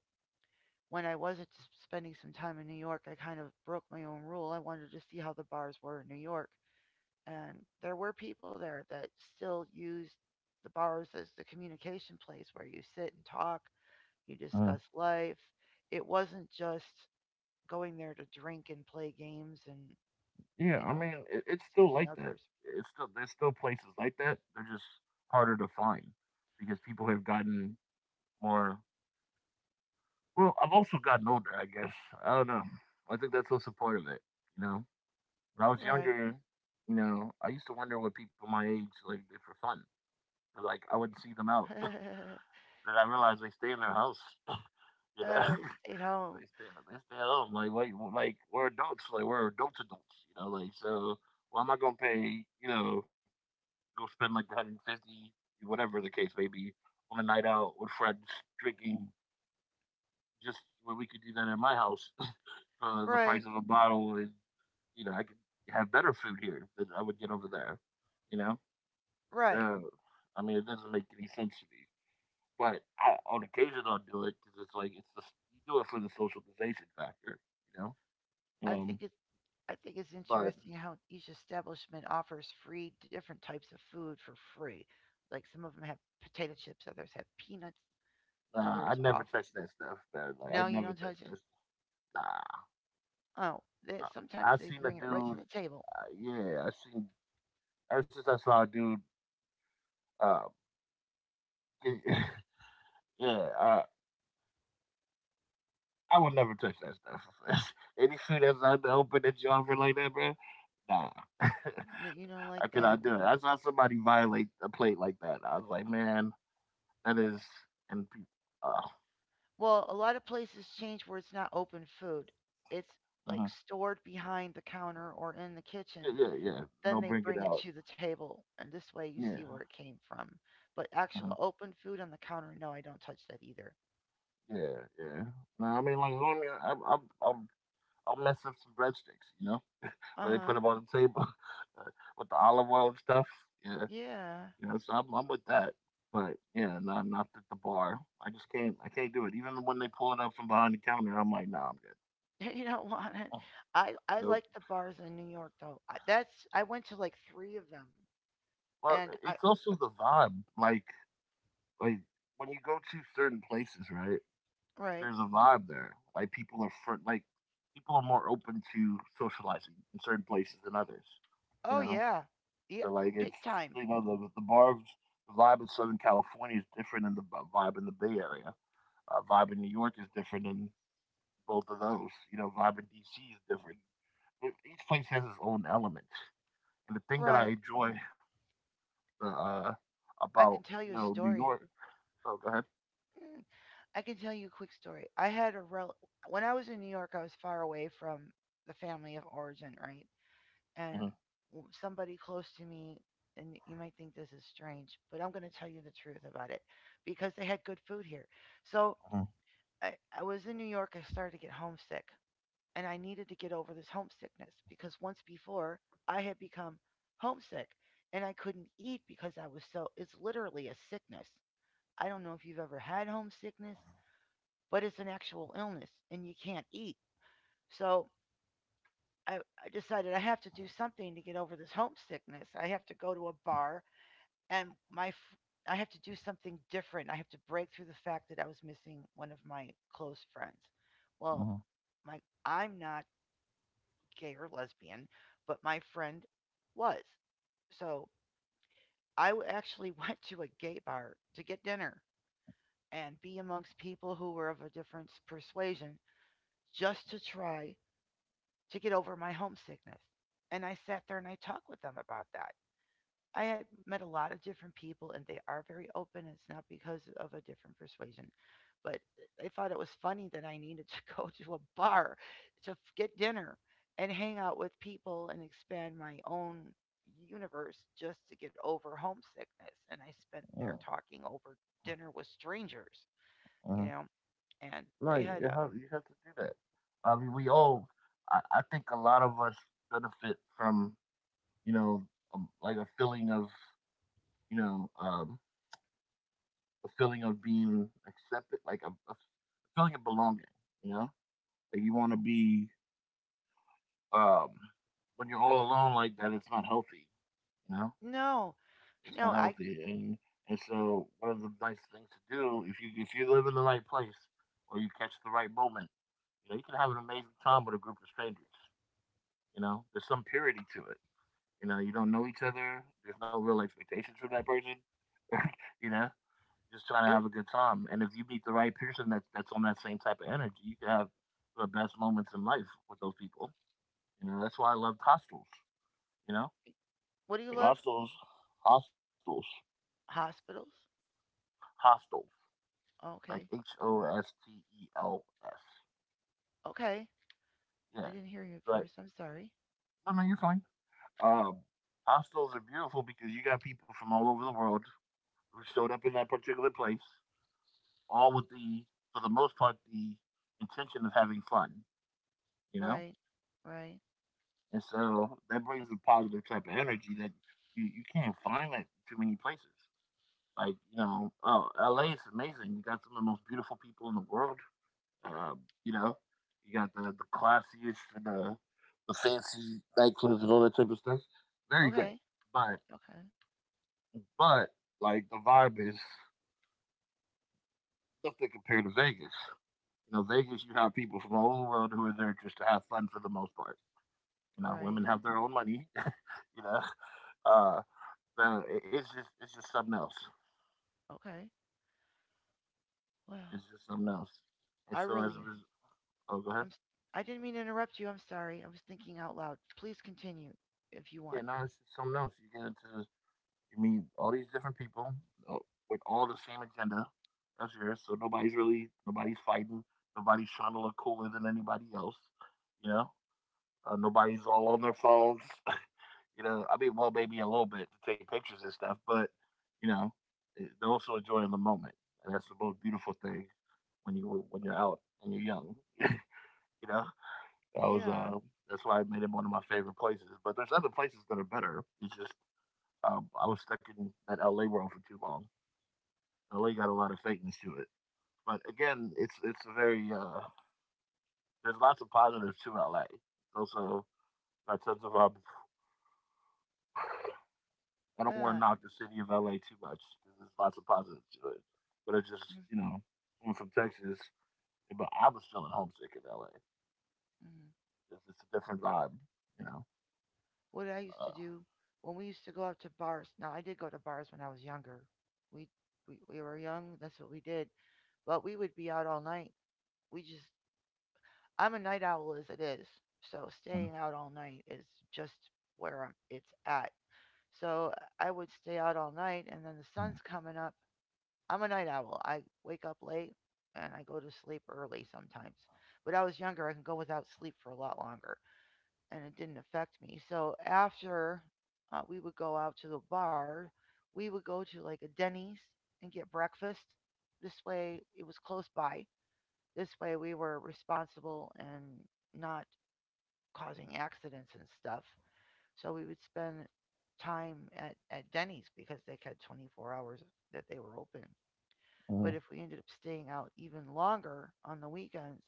Speaker 2: when I was spending some time in New York, I kind of broke my own rule. I wanted to see how the bars were in New York. And there were people there that still used the bars as the communication place where you sit and talk, you
Speaker 1: mhm.
Speaker 2: discuss life. It wasn't just going there to drink and play games and,
Speaker 1: Yeah,
Speaker 2: you
Speaker 1: I
Speaker 2: know,
Speaker 1: mean, it, it's still
Speaker 2: sneaking
Speaker 1: like that.
Speaker 2: others.
Speaker 1: It's still there's still places like that. They're just harder to find because people have gotten more. Well, I've also gotten older, I guess. I don't know. I think that's also part of it. You know, when I was
Speaker 2: Right.
Speaker 1: younger, you know, I used to wonder what people my age like did for fun. Like I wouldn't see them out,
Speaker 2: uh,
Speaker 1: and I realized they stay in their house. You know,
Speaker 2: they stayed home.
Speaker 1: they stay they stay at home. Like like like we're adults. Like we're adults adults. You know, like so. Why am I gonna pay? You know, go spend like one hundred fifty, whatever the case may be, on a night out with friends, drinking, just where we could do that at my house for the price
Speaker 2: Right.
Speaker 1: of a bottle. And, you know, I could have better food here than I would get over there, you know?
Speaker 2: Right.
Speaker 1: So, I mean, it doesn't make any sense to me. But I, on occasion, I'll do it because it's like, it's the, you do it for the socialization factor, you know?
Speaker 2: I think
Speaker 1: Um,
Speaker 2: it's I think it's
Speaker 1: but
Speaker 2: interesting how each establishment offers free different types of food for free. Like some of them have potato chips, others have peanuts,
Speaker 1: uh, I
Speaker 2: others
Speaker 1: never
Speaker 2: offer.
Speaker 1: touch that stuff, man. Like, I
Speaker 2: No, you
Speaker 1: never
Speaker 2: don't
Speaker 1: touch
Speaker 2: touch it.
Speaker 1: that stuff. Nah.
Speaker 2: Oh, they,
Speaker 1: I-
Speaker 2: sometimes
Speaker 1: I've
Speaker 2: they
Speaker 1: seen a
Speaker 2: bring it right to
Speaker 1: dude.
Speaker 2: the table.
Speaker 1: Uh, yeah, I've seen ever since I saw a dude. Uh, yeah, uh, I would never touch that stuff. Any food that's out in the open that you offer like that, bro. Nah, I
Speaker 2: No, you don't like that.
Speaker 1: cannot do it. I saw somebody violate a plate like that. I was like, man, that is and pe- uh,
Speaker 2: Well, a lot of places change where it's not open food. It's like
Speaker 1: mhm.
Speaker 2: stored behind the counter or in the
Speaker 1: Yeah,
Speaker 2: kitchen.
Speaker 1: yeah, yeah.
Speaker 2: Then
Speaker 1: They'll
Speaker 2: they
Speaker 1: bring it
Speaker 2: bring it
Speaker 1: out.
Speaker 2: to the table, and this way you see
Speaker 1: Yeah,
Speaker 2: where it came from. But
Speaker 1: mhm.
Speaker 2: actual open food on the counter, no, I don't touch that either.
Speaker 1: Yeah, yeah. No, I mean like, I mean, I'm, I'm, I'm, I'll mess up some breadsticks, you know,
Speaker 2: Uh
Speaker 1: where they put
Speaker 2: huh.
Speaker 1: them on the table with the olive oil and stuff. Yeah,
Speaker 2: Yeah.
Speaker 1: you know, so I'm, I'm with that. But yeah, not not at the bar. I just can't. I can't do it. Even when they pull it up from behind the counter, I'm like, nah, I'm good.
Speaker 2: You don't want it.
Speaker 1: Oh,
Speaker 2: I I
Speaker 1: nope.
Speaker 2: like the bars in New York though. I, that's I went to like three of them.
Speaker 1: But
Speaker 2: and I
Speaker 1: it's
Speaker 2: the-
Speaker 1: also the vibe. Like, like when you go to certain places, right?
Speaker 2: right.
Speaker 1: There's a vibe there. Like people are fr- like people are more open to socializing in certain places than others.
Speaker 2: Oh
Speaker 1: You know,
Speaker 2: yeah. Yeah,
Speaker 1: so like
Speaker 2: big
Speaker 1: it's,
Speaker 2: time.
Speaker 1: you know, the the bar the vibe in Southern California is different than the bu- vibe in the Bay Area. Uh, vibe in New York is different than both of those. You know, vibe in D C is different. E- Each place has its own element. And the thing that I
Speaker 2: Right.
Speaker 1: enjoy uh, uh,
Speaker 2: I can
Speaker 1: about,
Speaker 2: tell
Speaker 1: you
Speaker 2: you a
Speaker 1: know, New
Speaker 2: story.
Speaker 1: York. Oh, go ahead.
Speaker 2: Mm, I can tell you a quick story. I had a rel When I was in New York, I was far away from the family of origin, right?
Speaker 1: Mm-hmm,
Speaker 2: And w- somebody close to me, and you might think this is strange, but I'm going to tell you the truth about it because they had good food here. So I, I was in New York, I started to get homesick, and I needed to get over this homesickness because once before I had become homesick and I couldn't eat because I was so, it's literally a sickness. I don't know if you've ever had homesickness, but it's an actual illness and you can't eat. So I, I decided I have to do something to get over this homesickness. I have to go to a bar, and my, i have to do something different. I have to break through the fact that I was missing one of my close friends. Well,
Speaker 1: mm-hmm,
Speaker 2: like, I'm not gay or lesbian, but my friend was. So I w- actually went to a gay bar to get dinner and be amongst people who were of a different persuasion just to try to get over my homesickness. And I sat there and I talked with them about that. I had met a lot of different people, and they are very open. It's not because of a different persuasion, but I thought it was funny that I needed to go to a bar to f- get dinner and hang out with people and expand my own universe just to get over homesickness. And I spent
Speaker 1: hmm
Speaker 2: there talking over dinner with strangers, you
Speaker 1: hmm.
Speaker 2: know, and
Speaker 1: No,
Speaker 2: they
Speaker 1: you
Speaker 2: had
Speaker 1: you
Speaker 2: a
Speaker 1: have, you have to do that. I mean, we all. I, I think a lot of us benefit from, you know, um, like a feeling of, you know, um, a feeling of being accepted, like a, a feeling of belonging. You know, like you want to be um, when you're all alone like that. It's not healthy. You know,
Speaker 2: no,
Speaker 1: it's not
Speaker 2: no. I
Speaker 1: healthy. And and so one of the nice things to do, if you if you live in the right place or you catch the right moment, you know, you can have an amazing time with a group of strangers. You know, there's some purity to it. You know, you don't know each other. There's no real expectations from that person. You know, just trying to
Speaker 2: it was
Speaker 1: have a good time. And if you meet the right person that's that's on that same type of energy, you can have the best moments in life with those people. You know, that's why I loved hostels. You know,
Speaker 2: What do you love?
Speaker 1: hostels, hostels,
Speaker 2: Hospitals.
Speaker 1: hostels, like
Speaker 2: Okay.
Speaker 1: H O S T E L S.
Speaker 2: Okay. I
Speaker 1: Yeah,
Speaker 2: didn't hear you at
Speaker 1: but
Speaker 2: first. I'm sorry.
Speaker 1: no, no, you're fine. Um, Hostels are beautiful because you got people from all over the world who showed up in that particular place, all with the, for the most part, the intention of having fun. You know,
Speaker 2: Right. Right.
Speaker 1: and so that brings a positive type of energy that you, you can't find that too many places. Like, you know, oh, L A is amazing. You got some of the most beautiful people in the world. Um, you know, you got the, the classiest and the, the fancy nightclubs and all that type of stuff. Very great.
Speaker 2: Okay.
Speaker 1: But,
Speaker 2: Okay.
Speaker 1: but like, the vibe is nothing compared to Vegas. You know, Vegas, you have people from all over the world who are there just to have fun for the most part. You know, women
Speaker 2: Right.
Speaker 1: have their own money, you know. Uh, No, it, it's just it's just something else.
Speaker 2: Okay. Well,
Speaker 1: It's just something else. And
Speaker 2: I
Speaker 1: so as a
Speaker 2: really
Speaker 1: result, oh, go
Speaker 2: I'm
Speaker 1: ahead.
Speaker 2: s- I didn't mean to interrupt you. I'm sorry. I was thinking out loud. Please continue if you want.
Speaker 1: Yeah, no, it's just something else. You get into you meet all these different people uh, with all the same agenda as yours. So nobody's really nobody's fighting. Nobody's trying to look cooler than anybody else. You know, uh, nobody's all on their phones. You know, I mean, well, maybe a little bit to take pictures and stuff, but you know, eh, they're also enjoying the moment, and that's the most beautiful thing when you when you're out and you're young. You know, that was,
Speaker 2: Yeah.
Speaker 1: uh that's why I made it one of my favorite places, but there's other places that are better. It's just, um, I was stuck in that L A world for too long. L A got a lot of fakeness to it. But again, it's it's a very, uh there's lots of positives to L A. Also, by terms of, um, I don't wanna
Speaker 2: Uh
Speaker 1: knock the city of L A too much 'cause there's lots of positives to it, but it's just,
Speaker 2: mm,
Speaker 1: you know, I'm from Texas, but I was feeling homesick in L A.
Speaker 2: mm.
Speaker 1: It's just a different vibe, you know?
Speaker 2: What I used
Speaker 1: Uh,
Speaker 2: to do when we used to go out to bars. Now, I did go to bars when I was younger. We we, we were young, that's what we did. But we would be out all night. We just I'm a night owl as it is. So
Speaker 1: mhm,
Speaker 2: staying out all night is just where I'm, it's at. So I would stay out all night, and then the
Speaker 1: mhm,
Speaker 2: sun's coming up. I'm a night owl. I wake up late and I go to sleep early sometimes. But I was younger, I can go without sleep for a lot longer, and it didn't affect me. So after uh, we would go out to the bar, we would go to like a Denny's and get breakfast. This way, it was close by. This way, we were responsible and not causing accidents and stuff. So we would spend time at, at Denny's because they had twenty-four hours that they were open. But
Speaker 1: mhm,
Speaker 2: if we ended up staying out even longer on the weekends,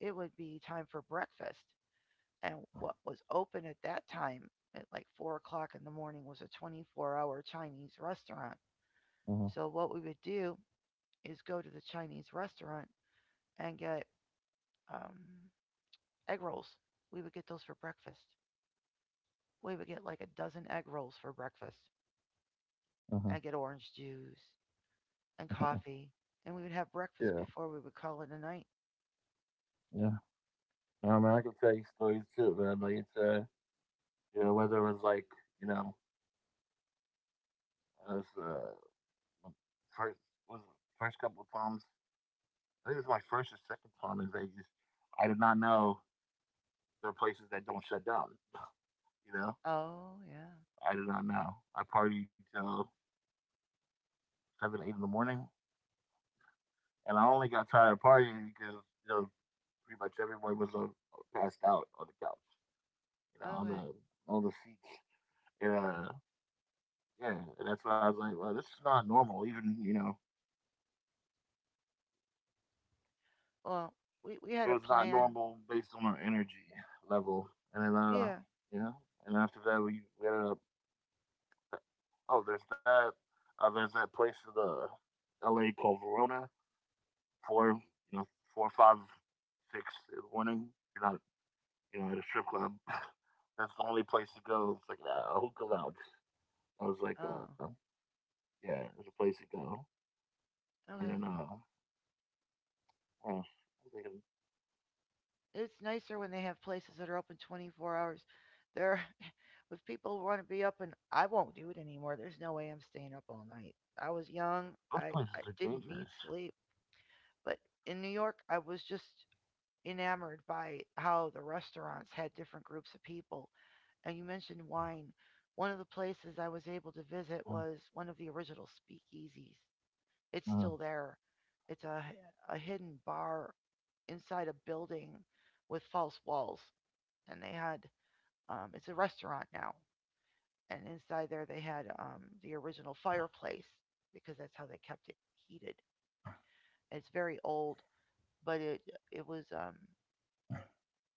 Speaker 2: it would be time for breakfast. And what was open at that time at like four o'clock in the morning was a twenty-four hour Chinese restaurant.
Speaker 1: mhm,
Speaker 2: So what we would do is go to the Chinese restaurant and get um, egg rolls. We would get those for breakfast. We would get like a dozen egg rolls for breakfast
Speaker 1: mhm, mhm.
Speaker 2: and get orange juice and coffee, and we would have breakfast
Speaker 1: Yeah,
Speaker 2: before we would call it a night.
Speaker 1: yeah. I mean, I could tell you stories too, man. Like it's uh, you know, whether it was like you know, it was, uh, m- first was it first couple of times. I think it was my first or second time in Vegas. I did not know there are places that don't shut down. You know,
Speaker 2: Oh, yeah.
Speaker 1: I did not know. I partied till seven, eight in the morning, and I only got tired of partying because you know pretty much everyone was uh, passed out on the couch, you know, on
Speaker 2: Okay.
Speaker 1: the on the seats. Yeah, yeah. And that's why I was like, well, this is not normal. Even you know
Speaker 2: Well, we, we
Speaker 1: it
Speaker 2: had a
Speaker 1: was not
Speaker 2: plan.
Speaker 1: normal based on our energy level. And then, uh,
Speaker 2: Yeah.
Speaker 1: you know, and after that, we ended up, oh, there's that. Uh, there's that place in the L A called Verona for, you know, four, five, six in the morning. You're not, you know, at a strip club. That's the only place to go. It's like uh, a hookah lounge. I was like, uh,
Speaker 2: Oh,
Speaker 1: yeah, there's a place to go. And
Speaker 2: okay.
Speaker 1: then, uh, what I'm thinking,
Speaker 2: It's nicer when they have places that are open twenty-four hours. There, if people want to be up, and I won't do it anymore. There's no way I'm staying up all night. I was young.
Speaker 1: those
Speaker 2: I,
Speaker 1: places
Speaker 2: I
Speaker 1: are
Speaker 2: didn't need
Speaker 1: dangerous.
Speaker 2: sleep. But in New York, I was just enamored by how the restaurants had different groups of people, and you mentioned wine. One of the places I was able to visit
Speaker 1: Uh,
Speaker 2: was one of the original speakeasies. It's
Speaker 1: uh,
Speaker 2: still there. It's a, a hidden bar inside a building with false walls, and they had um, it's a restaurant now, and inside there they had um, the original fireplace because that's how they kept it heated. It's very old, but it it was um,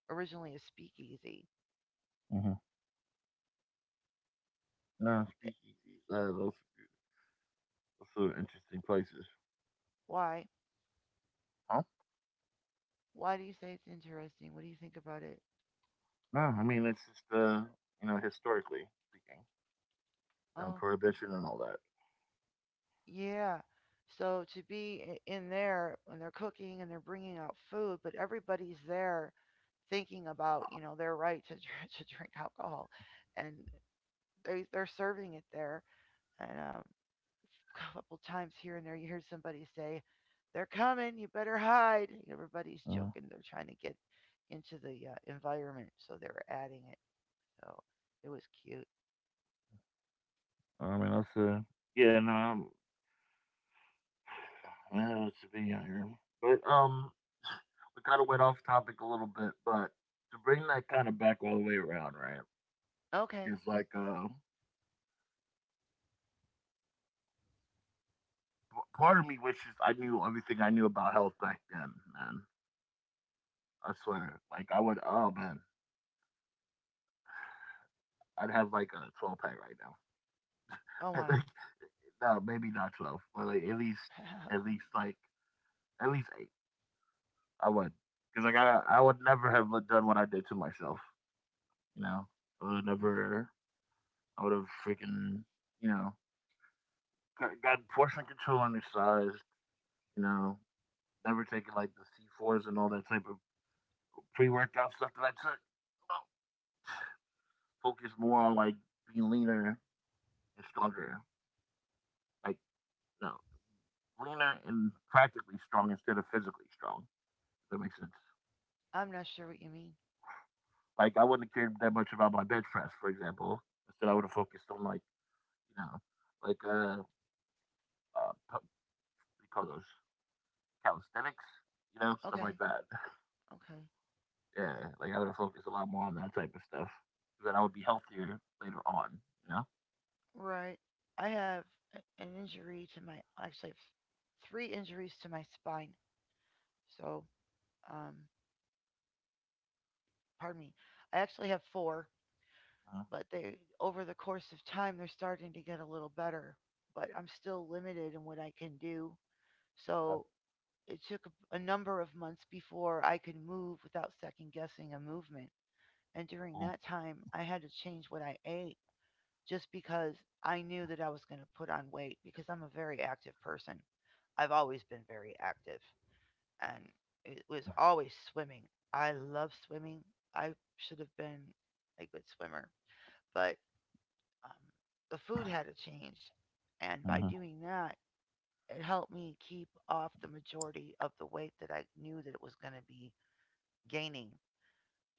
Speaker 2: originally a speakeasy.
Speaker 1: uh, uh, speakeasies, uh, those also interesting places.
Speaker 2: Why?
Speaker 1: Huh?
Speaker 2: Why do you say it's interesting? What do you think about it?
Speaker 1: No, I mean it's just uh you know historically speaking, you know,
Speaker 2: Oh,
Speaker 1: prohibition and all that.
Speaker 2: yeah. So to be i- in there when they're cooking and they're bringing out food, but everybody's there thinking about, you know, their right to dr- to drink alcohol, and they they're serving it there. And um, a couple times here and there, you hear somebody say, "They're coming, you better hide." And everybody's
Speaker 1: Uh,
Speaker 2: joking. They're trying to get into the uh, environment, so they're adding it. So it was cute.
Speaker 1: I mean that's uh yeah no I'm, yeah it's a big out here. But um we kind of went off topic a little bit, but to bring that kind of back all the way around, right?
Speaker 2: Okay.
Speaker 1: Is like uh, p- part of me wishes I knew everything I knew about health back then, man. I swear, like I would, oh man, I'd have like a twelve pack right now.
Speaker 2: Oh my.
Speaker 1: No, maybe not twelve, but like at least at least like at least eight. I would, because like I I would never have done what I did to myself. You know, I would
Speaker 2: hmm
Speaker 1: never. I would have freaking you know got, got portion control undersized. You know, never taken like the C fours and all that type of pre workout stuff that I took. No, focus more on like being leaner and stronger. Like no, leaner and practically strong instead of physically strong. If that makes sense.
Speaker 2: I'm not sure what you mean.
Speaker 1: Like I wouldn't have cared that much about my bench press, for example. Instead, I would have focused on like you know, like uh, uh pu- what do you call those calisthenics, you know, stuff
Speaker 2: Okay.
Speaker 1: like that.
Speaker 2: Okay.
Speaker 1: Yeah, like I would have focused a lot more on that type of stuff. So then I would be healthier later on, you know.
Speaker 2: Right. I have a- an injury to my, actually, I've three injuries to my spine. So, um, pardon me. I actually have four,
Speaker 1: Uh,
Speaker 2: but they, over the course of time, they're starting to get a little better, but I'm still limited in what I can do. So, it took a, a number of months before I could move without second guessing a movement. And during
Speaker 1: uh,
Speaker 2: that time, I had to change what I ate just because I knew that I was going to put on weight because I'm a very active person. I've always been very active, and it was always swimming. I love swimming. I should have been a good swimmer, but um, the food had to change. And by
Speaker 1: Mhm.
Speaker 2: doing that, it helped me keep off the majority of the weight that I knew that it was going to be gaining.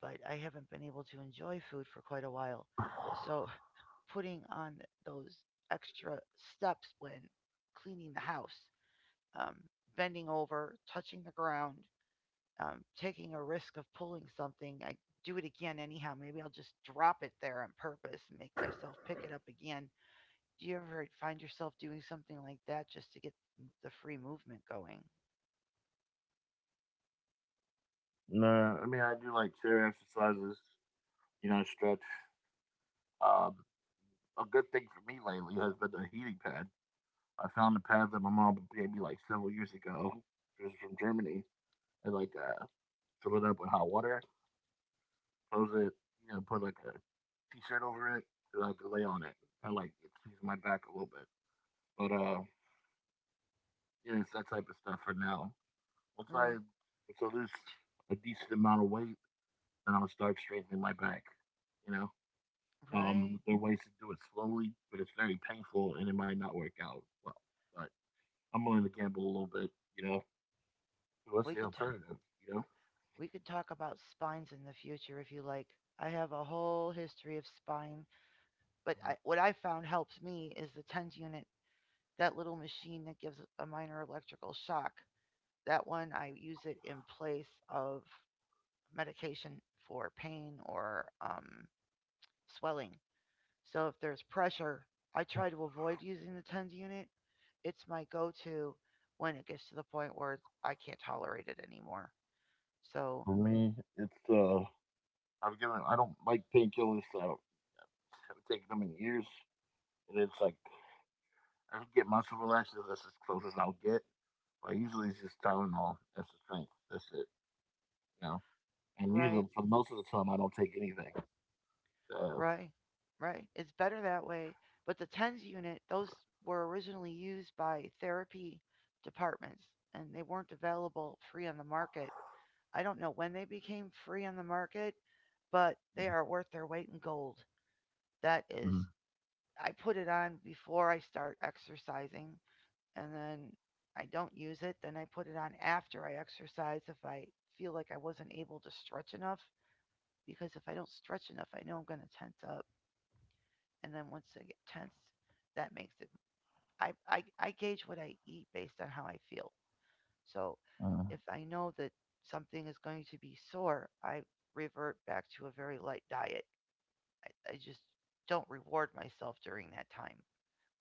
Speaker 2: But I haven't been able to enjoy food for quite a while. So putting on those extra steps when cleaning the house, um, bending over, touching the ground, um, taking a risk of pulling something. I do it again anyhow. Maybe I'll just drop it there on purpose and make myself pick it up again. Do you ever find yourself doing something like that just to get the free movement going?
Speaker 1: No, I mean I do like chair exercises. You know, stretch. Um, a good thing for me lately has been the heating pad. I found a pad that my mom gave me like several years ago. It was from Germany, and like uh, fill it up with hot water, close it, you know, put like a t-shirt over it, and, like lay on it. I like it sees my back a little bit, but uh, yeah, it's that type of stuff for now. Once I
Speaker 2: Right,
Speaker 1: once I lose a decent amount of weight, then I'll start strengthening my back. You know,
Speaker 2: right.
Speaker 1: um, there are ways to do it slowly, but it's very painful and it might not work out well. But I'm willing to gamble a little bit. You know, what's
Speaker 2: We
Speaker 1: the
Speaker 2: could t-
Speaker 1: alternative? You know,
Speaker 2: we could talk about spines in the future if you like. I have a whole history of spine, but
Speaker 1: uh-huh.
Speaker 2: I, what I found helps me is the tens unit, that little machine that gives a minor electrical shock. That one I use it in place of medication for pain or um, swelling. So if there's pressure, I try to avoid using the TENS unit. It's my go to when it gets to the point where I can't tolerate it anymore. So,
Speaker 1: For me, it's uh, I've given I don't like painkillers, so haven't taken them in years, and it's like I can get muscle relaxers. That's as close as I'll get. But usually it's just Tylenol. That's the strength. That's it. You know. And
Speaker 2: right,
Speaker 1: usually for most of the time I don't take anything. So.
Speaker 2: right, right. It's better that way. But the TENS unit, those were originally used by therapy departments, and they weren't available free on the market. I don't know when they became free on the market, but they are worth their weight in gold. That is,
Speaker 1: Mhm.
Speaker 2: I put it on before I start exercising, and then I don't use it. Then I put it on after I exercise if I feel like I wasn't able to stretch enough. Because if I don't stretch enough, I know I'm going to tense up. And then once I get tensed, that makes it. I, I, I gauge what I eat based on how I feel. So
Speaker 1: Uh,
Speaker 2: if I know that something is going to be sore, I revert back to a very light diet. I just don't reward myself during that time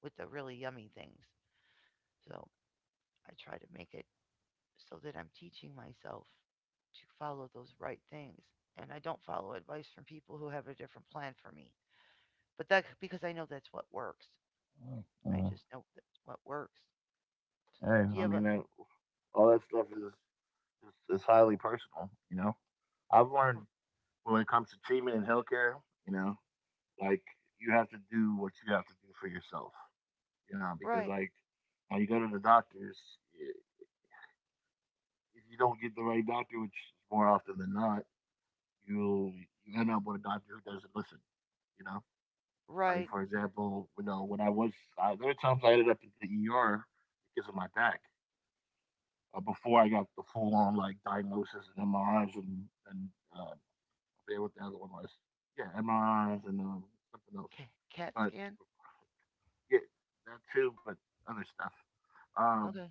Speaker 2: with the really yummy things. So I try to make it so that I'm teaching myself to follow those right things. And I don't follow advice from people who have a different plan for me. But that Because I know that's what works. I
Speaker 1: uh,
Speaker 2: just know that's what works. So
Speaker 1: Hey,
Speaker 2: do you
Speaker 1: I
Speaker 2: have a
Speaker 1: mean, that, all that stuff is, is is highly personal. You know, I've learned when it comes to treatment and healthcare, you know, like you have to do what you have to do for yourself. You know, because
Speaker 2: Right,
Speaker 1: like when you go to the doctors, if you don't get the right doctor, which is more often than not, you you end up with a doctor who doesn't listen. You know, like
Speaker 2: right.
Speaker 1: for example, you know when I was I, there were times I ended up in the E R because of my back uh, before I got the full on like diagnosis and M R Is and and uh, I forget what the other one was. Yeah, M R Is and um, something else,
Speaker 2: Ca- cat
Speaker 1: but
Speaker 2: scan?
Speaker 1: yeah, that too, but other stuff. Um,
Speaker 2: Okay.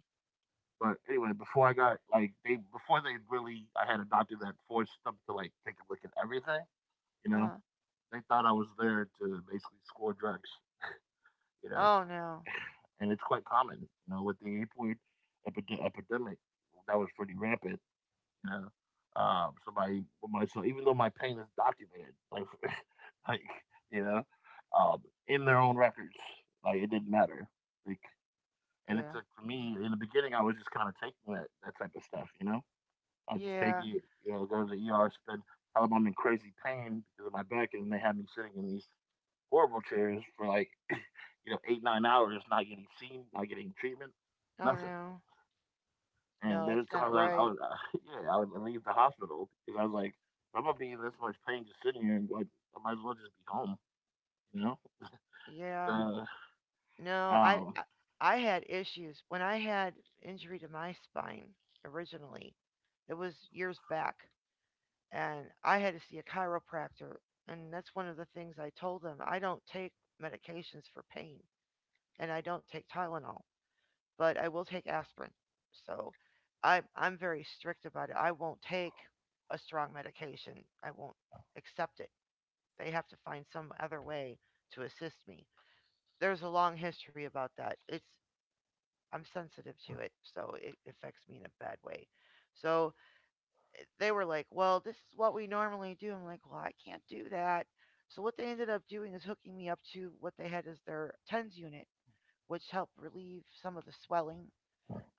Speaker 1: But anyway, before I got like they before they really I had a doctor that forced them to like take a look at everything, you know.
Speaker 2: Uh.
Speaker 1: They thought I was there to basically score drugs, you know.
Speaker 2: Oh no.
Speaker 1: And it's quite common, you know, with the opioid epid- epidemic that was pretty rampant, you know. Um, somebody with my so even though my pain is documented, like like you know, um, in their own records, like it didn't matter, like. And it took
Speaker 2: Yeah.
Speaker 1: for me in the beginning, I was just kind of taking that that type of stuff, you know I'll just take
Speaker 2: Yeah.
Speaker 1: it, you know, go to the E R, spend, tell them I'm in crazy pain because of my back, and they have me sitting in these horrible chairs for like, you know, eight, nine hours, not getting seen, not getting treatment,
Speaker 2: Oh
Speaker 1: nothing.
Speaker 2: no.
Speaker 1: And
Speaker 2: No,
Speaker 1: there were
Speaker 2: that's not
Speaker 1: times I, I
Speaker 2: right.
Speaker 1: would, uh, yeah, I would leave the hospital because I was like, if I'm gonna be in this much pain just sitting here, like, I might as well just be home, you know.
Speaker 2: Yeah.
Speaker 1: Uh,
Speaker 2: No, I
Speaker 1: um,
Speaker 2: I I had issues when I had injury to my spine originally. It was years back, and I had to see a chiropractor, and that's one of the things I told them. I don't take medications for pain, and I don't take Tylenol, but I will take aspirin. So, I I'm very strict about it. I won't take a strong medication. I won't accept it. They have to find some other way to assist me. There's a long history about that. It's I'm sensitive to it, so it affects me in a bad way. So they were like, "Well, this is what we normally do." I'm like, "Well, I can't do that." So what they ended up doing is hooking me up to what they had as their TENS unit, which helped relieve some of the swelling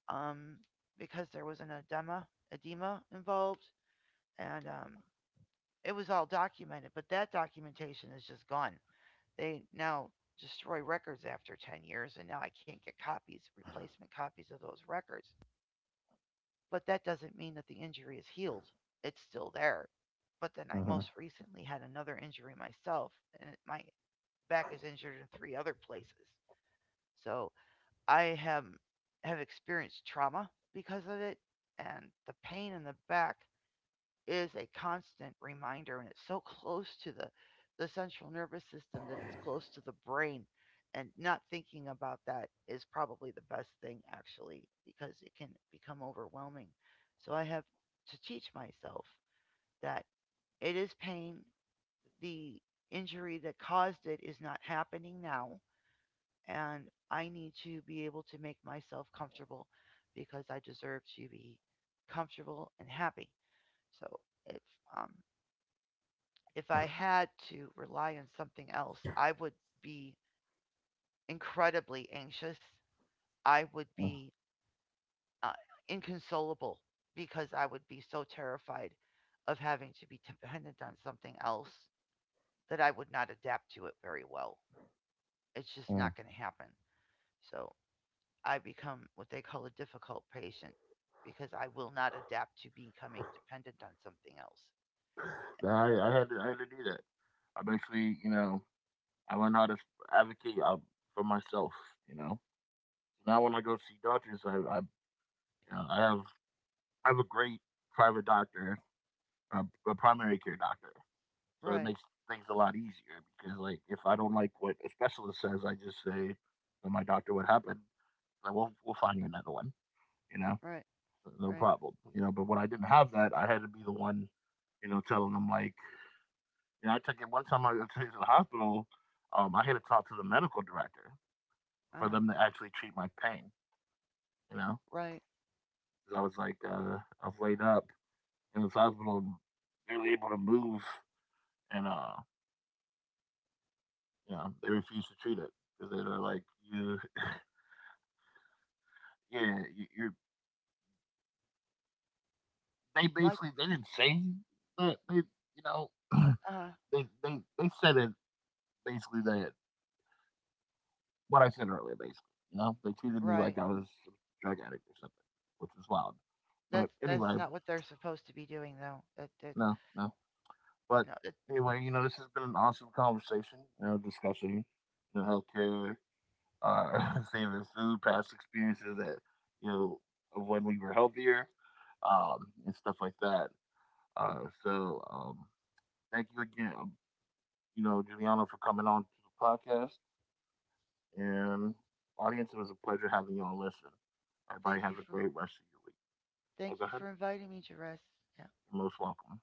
Speaker 2: um, because there was an edema edema involved, and um, it was all documented. But that documentation is just gone. They now destroy records after ten years, and now I can't get copies, replacement copies of those records. But that doesn't mean that the injury is healed. It's still there. But then I
Speaker 1: Uh-huh.
Speaker 2: most recently had another injury myself, and it, my back is injured in three other places. So I have have experienced trauma because of it, and the pain in the back is a constant reminder, and it's so close to the the central nervous system, that it's close to the brain, and not thinking about that is probably the best thing actually because it can become overwhelming. So I have to teach myself that it is pain. The injury that caused it is not happening now, and I need to be able to make myself comfortable because I deserve to be comfortable and happy. So if um, if I had to rely on something else, I would be incredibly anxious. I would
Speaker 1: Uh,
Speaker 2: be uh, inconsolable because I would be so terrified of having to be dependent on something else that I would not adapt to it very well. It's just
Speaker 1: uh.
Speaker 2: not going to happen. So I become what they call a difficult patient because I will not adapt to becoming dependent on something else.
Speaker 1: I, I had to, I had to do that. I basically, you know, I learned how to advocate uh, for myself. You know, Now when I go see doctors, I I, you know, I have I have a great private doctor, a, a primary care doctor, so it
Speaker 2: Right,
Speaker 1: makes things a lot easier because like if I don't like what a specialist says, I just say to my doctor what happened. Like we'll we'll find you another one. You know,
Speaker 2: right,
Speaker 1: no
Speaker 2: right.
Speaker 1: problem. You know, but when I didn't have that, I had to be the one, you know, telling them like, you know, I took it one time I took it to the hospital. Um, I had to talk to the medical director
Speaker 2: Uh
Speaker 1: for
Speaker 2: huh.
Speaker 1: them to actually treat my pain. you know,
Speaker 2: Right.
Speaker 1: 'Cause I was like, uh, I was laid up in this hospital, barely able to move, and uh, you know, they refused to treat it because they were like, you, yeah, you, you're. They
Speaker 2: My.
Speaker 1: basically they didn't say that they, you know,
Speaker 2: Uh huh.
Speaker 1: they they they said it basically that what I said earlier, basically, you know, they treated me like
Speaker 2: Right.
Speaker 1: I was a drug addict or something, which was wild. But
Speaker 2: That's that's
Speaker 1: anyway,
Speaker 2: not what they're supposed to be doing though. That that
Speaker 1: no, no. But
Speaker 2: no. That,
Speaker 1: anyway, you know, this has been an awesome conversation, you know, discussing you know, healthcare uh, same food, past experiences that you know of when we were healthier, um, and stuff like that. Uh, so um, thank you again, um, you know, Juliano, for coming on to the podcast. And audience, it was a pleasure having you all. Listen, everybody,
Speaker 2: thank you
Speaker 1: have a
Speaker 2: for
Speaker 1: great rest of your week. Hey,
Speaker 2: thank
Speaker 1: go
Speaker 2: you
Speaker 1: ahead.
Speaker 2: for inviting me, Jerez.
Speaker 1: You're most welcome.